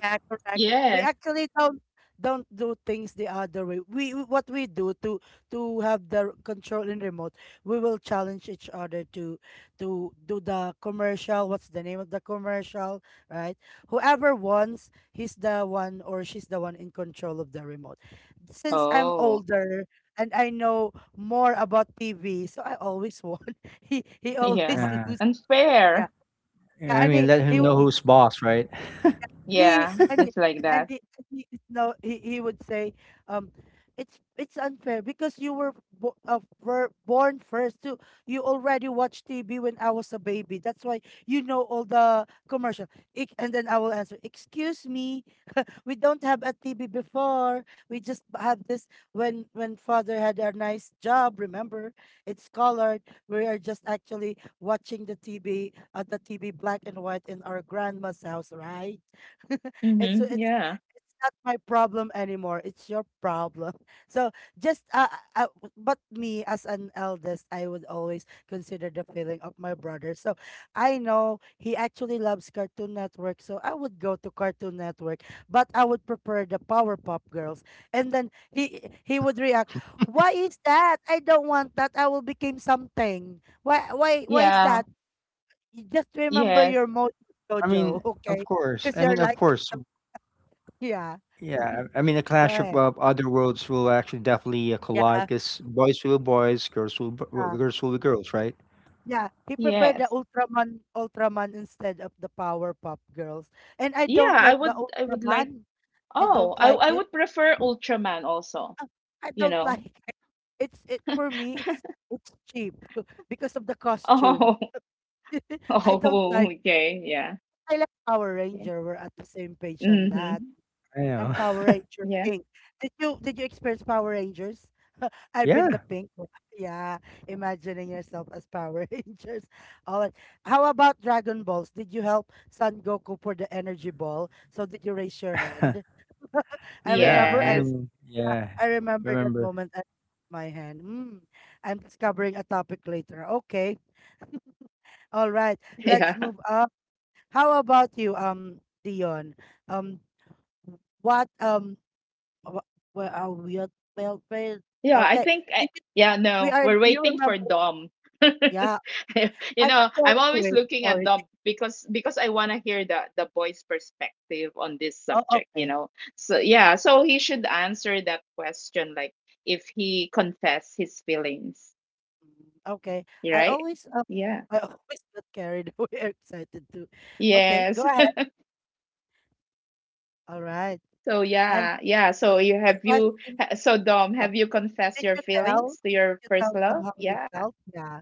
yeah, correct. We
Yes.
actually don't do things the other way. We What we do to have the control in remote, we will challenge each other to do the commercial. What's the name of the commercial, right? Whoever wants, he's the one or she's the one in control of the remote. Since I'm
Oh.
older and I know more about TV, so I always won. He always
Yeah.
loses. Yeah,
Unfair.
yeah,
Yeah, I
and
mean, let him know
Yeah.
who's boss, right?
and he
Yeah,
and he,
it's like
and
that.
he, and he no he, he would say, um it's unfair because you were were born first too, you already watched TV when I was a baby, that's why you know all the commercial. And then I will answer, excuse me, we don't have a TV before. We just have this when father had a nice job. Remember, it's colored. We are just actually watching the TV at, the TV black and white in our grandma's house, right? it's
Mm-hmm.
it's
Yeah.
it's not my problem anymore. It's your problem. So just but me as an eldest, I would always consider the feeling of my brother. So I know he actually loves Cartoon Network, so I would go to Cartoon Network, but I would prefer the power pop Girls. And then he would react, "Why is that? I don't want that. I will become something. Why is
Yeah.
that? You just remember
Yes.
your mojo,
I
Jojo,
mean, of
okay?
course.
Because
I
you're
mean, of
like,
course.
that." Yeah.
Yeah. I mean, a
Go
clash of
ahead.
other worlds will actually definitely
Yeah.
collide because boys will be boys,
Yeah.
girls will be girls, right?
Yeah, he prepared the
Yes.
Ultraman instead of the power pop Girls. And I
Yeah,
don't like the
I would like,
Ultraman. I
oh,
don't like
I
it.
would prefer Ultraman also,
I
you
don't
know.
like it. It's it For me it's cheap because of the costume.
Oh.
I don't
Oh,
like
okay, yeah.
I like Power
Yeah.
Ranger. We're at the same page on that.
Mm-hmm.
I
I'm
know.
Power Ranger
Yeah.
pink. Did you experience Power Rangers? I've been the
Yeah.
pink one. Yeah, imagining yourself as Power Rangers. All right. How about Dragon Balls? Did you help Son Goku for the energy ball? So did you raise your hand? I
Yeah.
remember
I
Yes.
I
mean, yeah.
I remember that
Remember.
moment. I my hand. I'm discovering a topic later. Okay. All right.
Yeah.
Let's move on. How about you, Dion? Um, what um, wh- where are we at? Well, well,
Yeah, I
okay.
think I,
Did you-
yeah,
We
no.
are. Do
We're
you
waiting for
remember?
Dom.
Yeah,
You
I got
know, I'm
carried
always
away.
looking at
Sorry.
Dom because I want to hear the boy's perspective on this
Oh,
subject, you
okay.
know. So yeah, so he should answer that question, like if he confess his feelings.
Okay.
You're
I
right?
always um,
Yeah.
I always got carried away. Excited too. Okay, go
Yes.
ahead. All right.
So
And
yeah,
All
yeah.
right.
So you
the
have,
question:
so Dom,
uh,
have you confessed
Did
your
you tell?
feelings to your
Did you
first
tell them
love?
how you
Yeah.
felt? Yeah.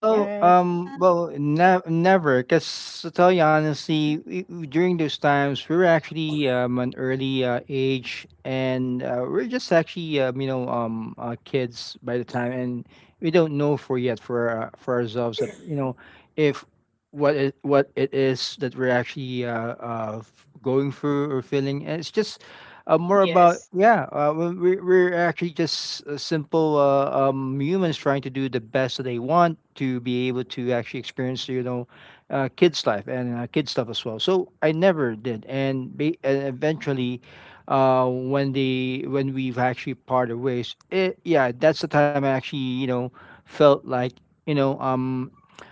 Yep.
First.
Never. Cause to tell you honestly, during those times, we were actually an early age, and we're just actually kids by the time, and we don't know for yet for ourselves that if what it is that we're actually going through or feeling. And it's just more about
Yes.
we're actually just simple humans trying to do the best that they want to be able to actually experience kids life and kids stuff as well, so I never did. And eventually when they when we've actually parted ways, yeah, that's the time I actually felt like you know um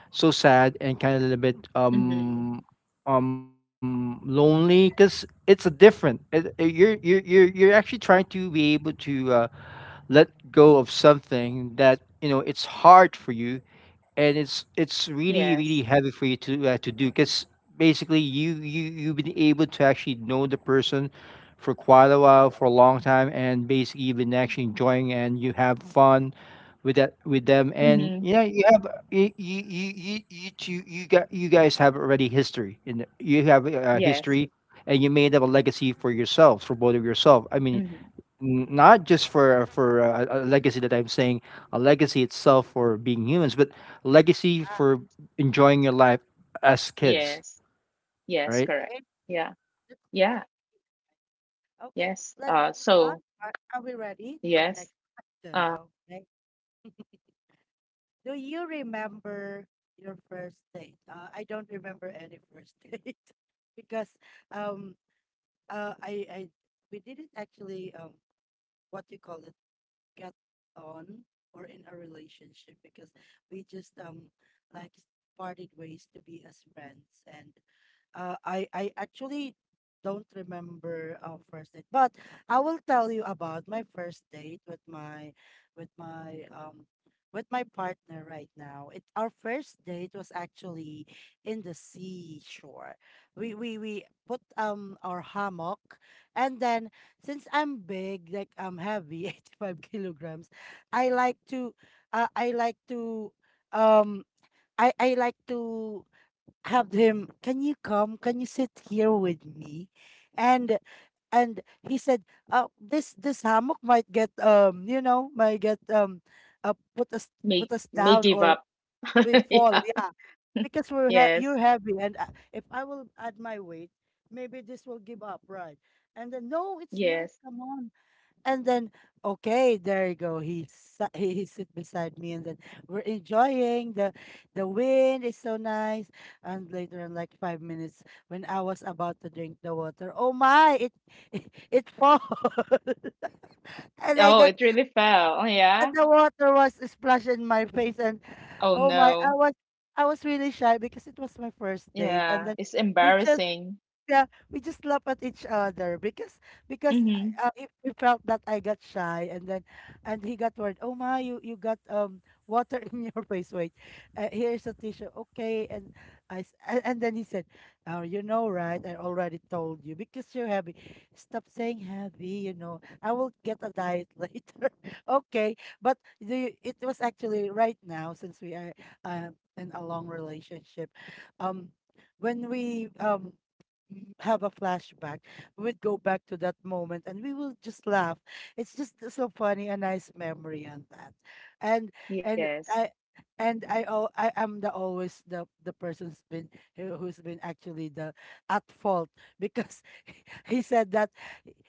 so sad and kind of a little bit
Mm-hmm.
lonely because it's a different you're actually trying to be able to let go of something that you know it's hard for you, and it's really,
Yes.
really heavy for you to do, because basically you've been able to actually know the person for quite a while, for a long time, and basically you've been actually enjoying and you have fun with them,
Mm-hmm.
and you know you have you you you you, you two you got you guys have already history in the, you have a
Yes.
history and you made up a legacy for yourselves, for both of yourself. I mean,
Mm-hmm.
not just for a legacy that I'm saying, a legacy itself for being humans, but legacy for enjoying your life as kids,
Yes.
right?
Yes, correct.
Okay.
Yeah.
That's really
Yeah.
okay,
Yes.
let's move on.
So
Are we ready for our
yes.
next question?
Uh
Okay. Do you remember your first date? I don't remember any first date because um I we didn't actually what do you call it, get on or in a relationship because we just like parted ways to be as friends. And I actually don't remember our first date, but I will tell you about my first date with my with my with my partner right now. It Our first date was actually in the seashore. We put our hammock, and then since I'm big, like I'm heavy, 85 kilograms, I like to I like to um I like to have him, "Can you come? Can you sit here with me?" And and he said, this hammock might get you know, might get uh, put us put us
may
down,
give
or
up.
we
Yeah.
fall, yeah, because
Yes.
you're heavy, and if I will add my weight, maybe this will give up, right?" And then, no, it's not.
Yes.
Come on, and then, okay, there you go. He sat, he sit beside me, and then we're enjoying the wind is so nice. And later on, like 5 minutes, when I was about to drink the water, oh my, it it falls, and I
Oh,
got
it really fell. Oh
and
yeah.
the water was splashed in my face, and
Oh
oh my,
no.
I was really shy because it was my first date, and
Yeah.
then
It's
we just
embarrassing.
yeah, we just laugh at each other because
Mm-hmm.
we felt that I got shy, and then and he got worried. "Oh my, you got water in your face. Wait, here's a tissue." Okay, and then he said, "Oh, you know, right? I already told you because you're heavy." "Stop saying heavy. You know, I will get a diet later. Okay, but the it was actually right now since we are uh, in a long relationship, um." When we have a flashback, we would go back to that moment, and we will just laugh. It's just so funny, a nice memory on that. And and
Yes.
I I am the always the person's been who's been actually the at fault because he said that,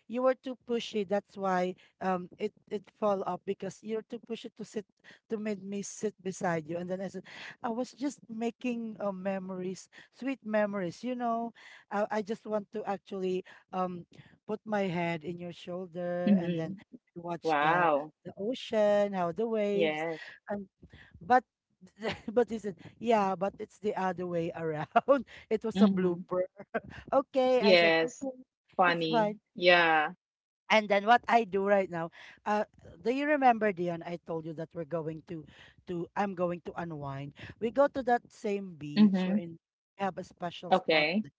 "You were too pushy. That's why it it fall off because you're too pushy to sit, to make me sit beside you." And then I said, "I was just making memories, sweet memories. You know, I just want to actually um put my head in your shoulder and
Mm-hmm.
then watch
Wow.
the ocean, how the waves,
Yes.
and but." But he said, yeah, but it's the other way around. It was a
Mm-hmm.
blooper. Okay, I said,
Yes.
okay, it's
Funny.
fine.
Yeah.
And then what I do right now, uh, do you remember, Dion? I told you that we're going to I'm going to unwind. We go to that same beach.
Mm-hmm.
We have a special spot,
Okay.
th-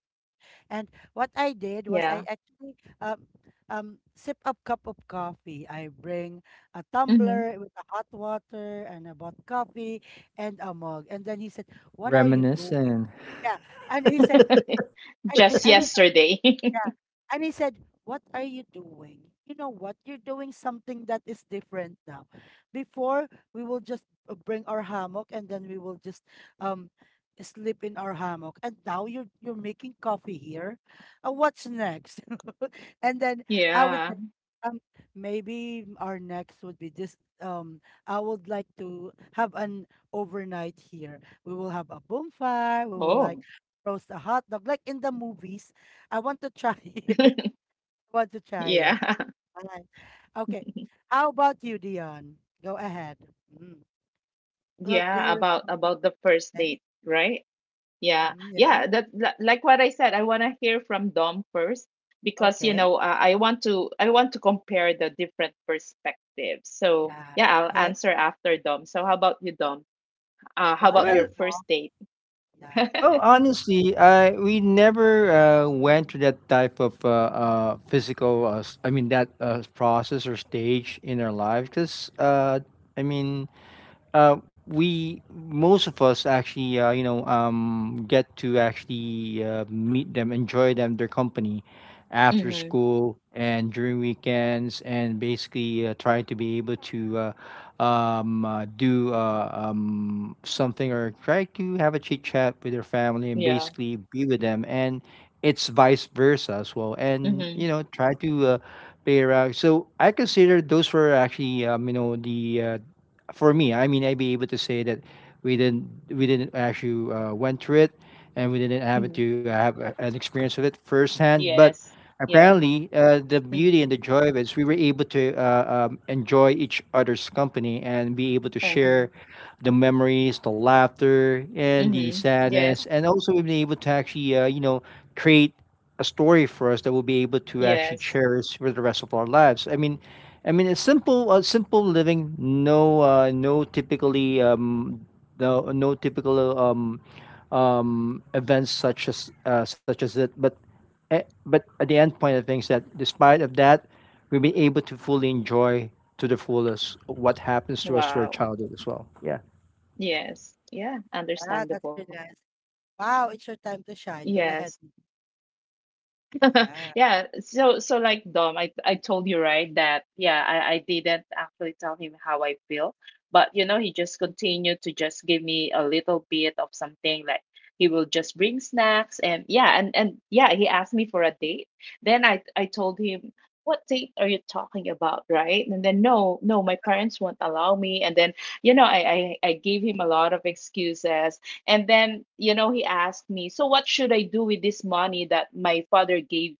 and what I did was I
Yeah.
actually sip a cup of coffee. I bring a
Mm-hmm.
tumbler with a hot water, and I bought coffee and a mug. And then he said, "What are you
Reminisce.
doing?"
And
Yeah, and he said,
Just
and he
yesterday.
yeah. And he said, "What are you doing? You know what? You're doing something that is different now. Before, we will just bring our hammock, and then we will just um sleep in our hammock. And now you're making coffee here. What's next?" And then I would say,
Yeah.
um, maybe our next would be this. I would like to have an overnight here. We will have a bonfire. We will like
Oh.
roast a hot dog, like in the movies. I want to try it. I want to try it.
Yeah.
All right. Okay. How about you, Dion? Go ahead. Mm. Do you
Yeah,
remember the
about the first
place?
date, right? Yeah.
Hmm, yeah.
Yeah, that like what I said, I want to hear from Dom first, because you
Okay.
know, I want to compare the different perspectives. So,
Yeah.
yeah, I'll
Okay.
answer after Dom. So, how about you, Dom?
Go
How about
ahead,
your
well,
Dion.
first date?
Yeah.
well, honestly, I we never went to that type of physical, I mean that process or stage in our lives, because I mean we, most of us actually, get to actually meet them, enjoy them, their company, after
Mm-hmm.
school and during weekends, and basically try to be able to do something or try to have a chit chat with their family and
Yeah.
basically be with them, and it's vice versa as well. And you
Mm-hmm.
know, try to play around. So I consider those were actually, the, for me, I mean, I'd be able to say that we didn't actually went through it, and we didn't have to
Hmm.
have an experience of it firsthand. But
Yes. Yeah.
apparently, the beauty and the
Mm-hmm.
joy of it is we were able to enjoy each other's company and be able to share
Mm-hmm.
the memories, the laughter, and the
Mm-hmm.
sadness.
Yes.
And also we've been able to actually, create a story for us that we'll be able to actually
Yes.
cherish for the rest of our lives. I mean, it's simple, simple living. No typical events such as, such as it. But but at the end point of things, that despite of that, we'll be able to fully enjoy to the fullest what happens to us through our
Wow.
childhood as well. Yeah,
Yes. Yeah.
Yeah, that's
Understandable.
really nice. Wow, it's your time to shine. Go
Yes.
ahead. Yeah.
Yeah. So so like Dom, I told you right that yeah, I didn't actually tell him how I feel, but you know he just continued to just give me a little bit of something like he will just bring snacks, and yeah, and yeah he asked me for a date. Then I told him, what date are you talking about, right? And then no, no, my parents won't allow me. And then you know, I gave him a lot of excuses. And then, you know, he asked me, so what should I do with this money that my father gave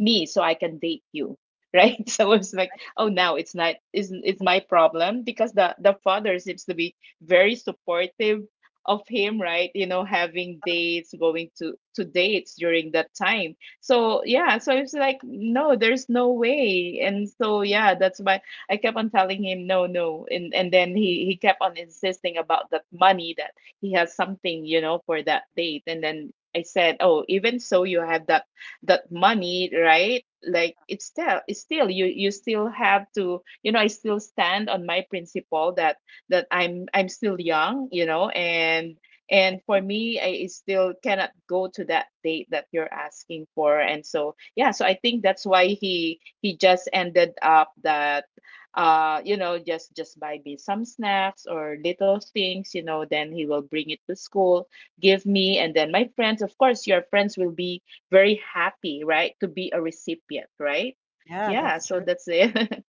me so I can date you? Right. So I was like, oh, now it's not, is, it's my problem, because the father seems to be very supportive of him, right? You know, having dates, going to dates during that time. So yeah, so it's like, no, there's no way. And so yeah, that's why I kept on telling him no, no, and then he kept on insisting about that money that he has something you know for that date. And then I said, oh, even so you have that that money right, like it's still, it's still, you still have to, you know, I still stand on my principle that that I'm still young, you know, and for me I still cannot go to that date that you're asking for. And so yeah, so I think that's why he just ended up that you know, just buy me some snacks or little things, you know, then he will bring it to school, give me, and then my friends, of course, your friends will be very happy, right, to be a recipient, right?
Yeah,
Yeah,
that's
so
true.
that's it.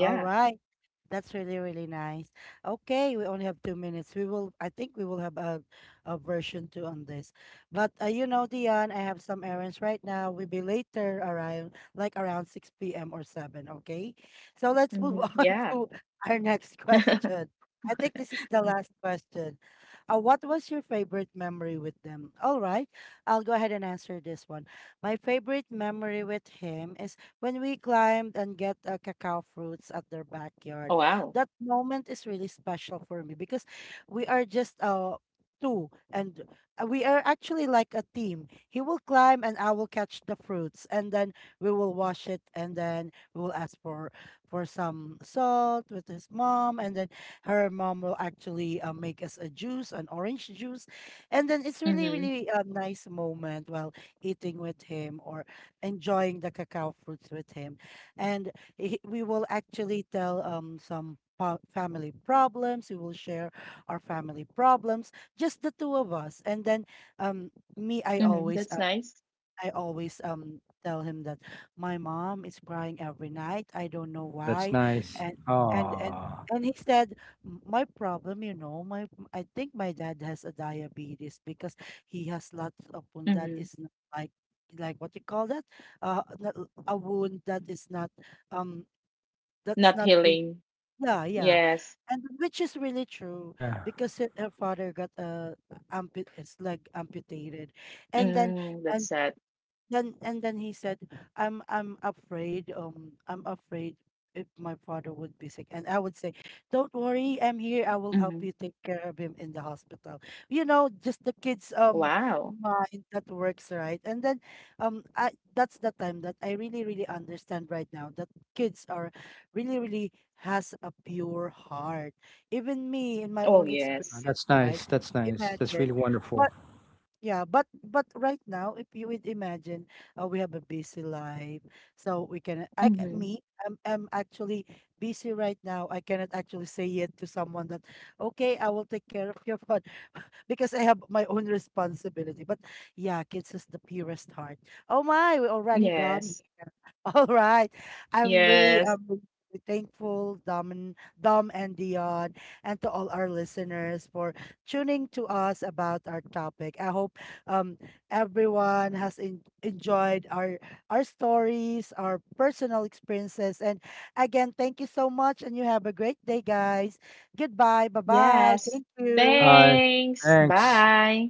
All
Yeah.
right. That's really, really nice. Okay, we only have 2 minutes. I think we will have a version two on this. But you know, Dion, I have some errands right now. We'll be later around, like around 6 p.m. or 7, okay? So let's move
Hmm,
on
yeah.
to our next question. I think this is the last question. What was your favorite memory with them? All right, I'll go ahead and answer this one. My favorite memory with him is when we climbed and get cacao fruits at their backyard.
Oh wow.
That moment is really special for me because we are just two, and we are actually like a team. He will climb, and I will catch the fruits, and then we will wash it, and then we will ask for some salt with his mom, and then her mom will actually make us a juice, an orange juice. And then it's really,
Mm-hmm.
really a nice moment while eating with him or enjoying the cacao fruits with him. And we will actually tell some po- family problems. We will share our family problems, just the two of us. And then me,
Mm-hmm. That's nice.
I always tell him that my mom is crying every night. I don't know
that's
why.
nice.
And and and
Ah,
he said, "M- my problem, you know, I think my dad has a diabetes because he has lots of wound that
Mm-hmm.
is not like, like what you call that? Not- a wound that is not um, that's
Not
not big."
healing.
"Yeah, yeah,"
Yes.
and which is really true
yeah,
because her father got ampu- it's like amputated, and then
Mm,
and
that's sad.
he said, I'm afraid I'm afraid if my father would be sick," and I would say, "Don't worry, I'm here.
Mm-hmm.
I will help you take care of him in the hospital," you know, just the kids
Wow.
mind that works, right? And then I that's the time that I really really understand right now that kids are really really has a pure heart, even me in my
Oh
own
yes.
experience,
that's
right?
nice. That's nice. That's
Imagine.
really wonderful.
But yeah, but right now, if you would imagine, we have a busy life, so we can. I ca-
Mm-hmm.
me, I'm actually busy right now. I cannot actually say yet to someone that, okay, I will take care of your phone because I have my own responsibility. But yeah, kids is the purest heart. Oh my, we're already
Yes.
done. All right. I'm really
Yes.
really thankful, Dom and Dion, and to all our listeners for tuning to us about our topic. I hope um everyone has en- enjoyed our stories, our personal experiences, and again, thank you so much, and you have a great day, guys. Goodbye. Bye bye.
Yes.
Thank you.
Uh,
Thanks.
thanks.
Bye.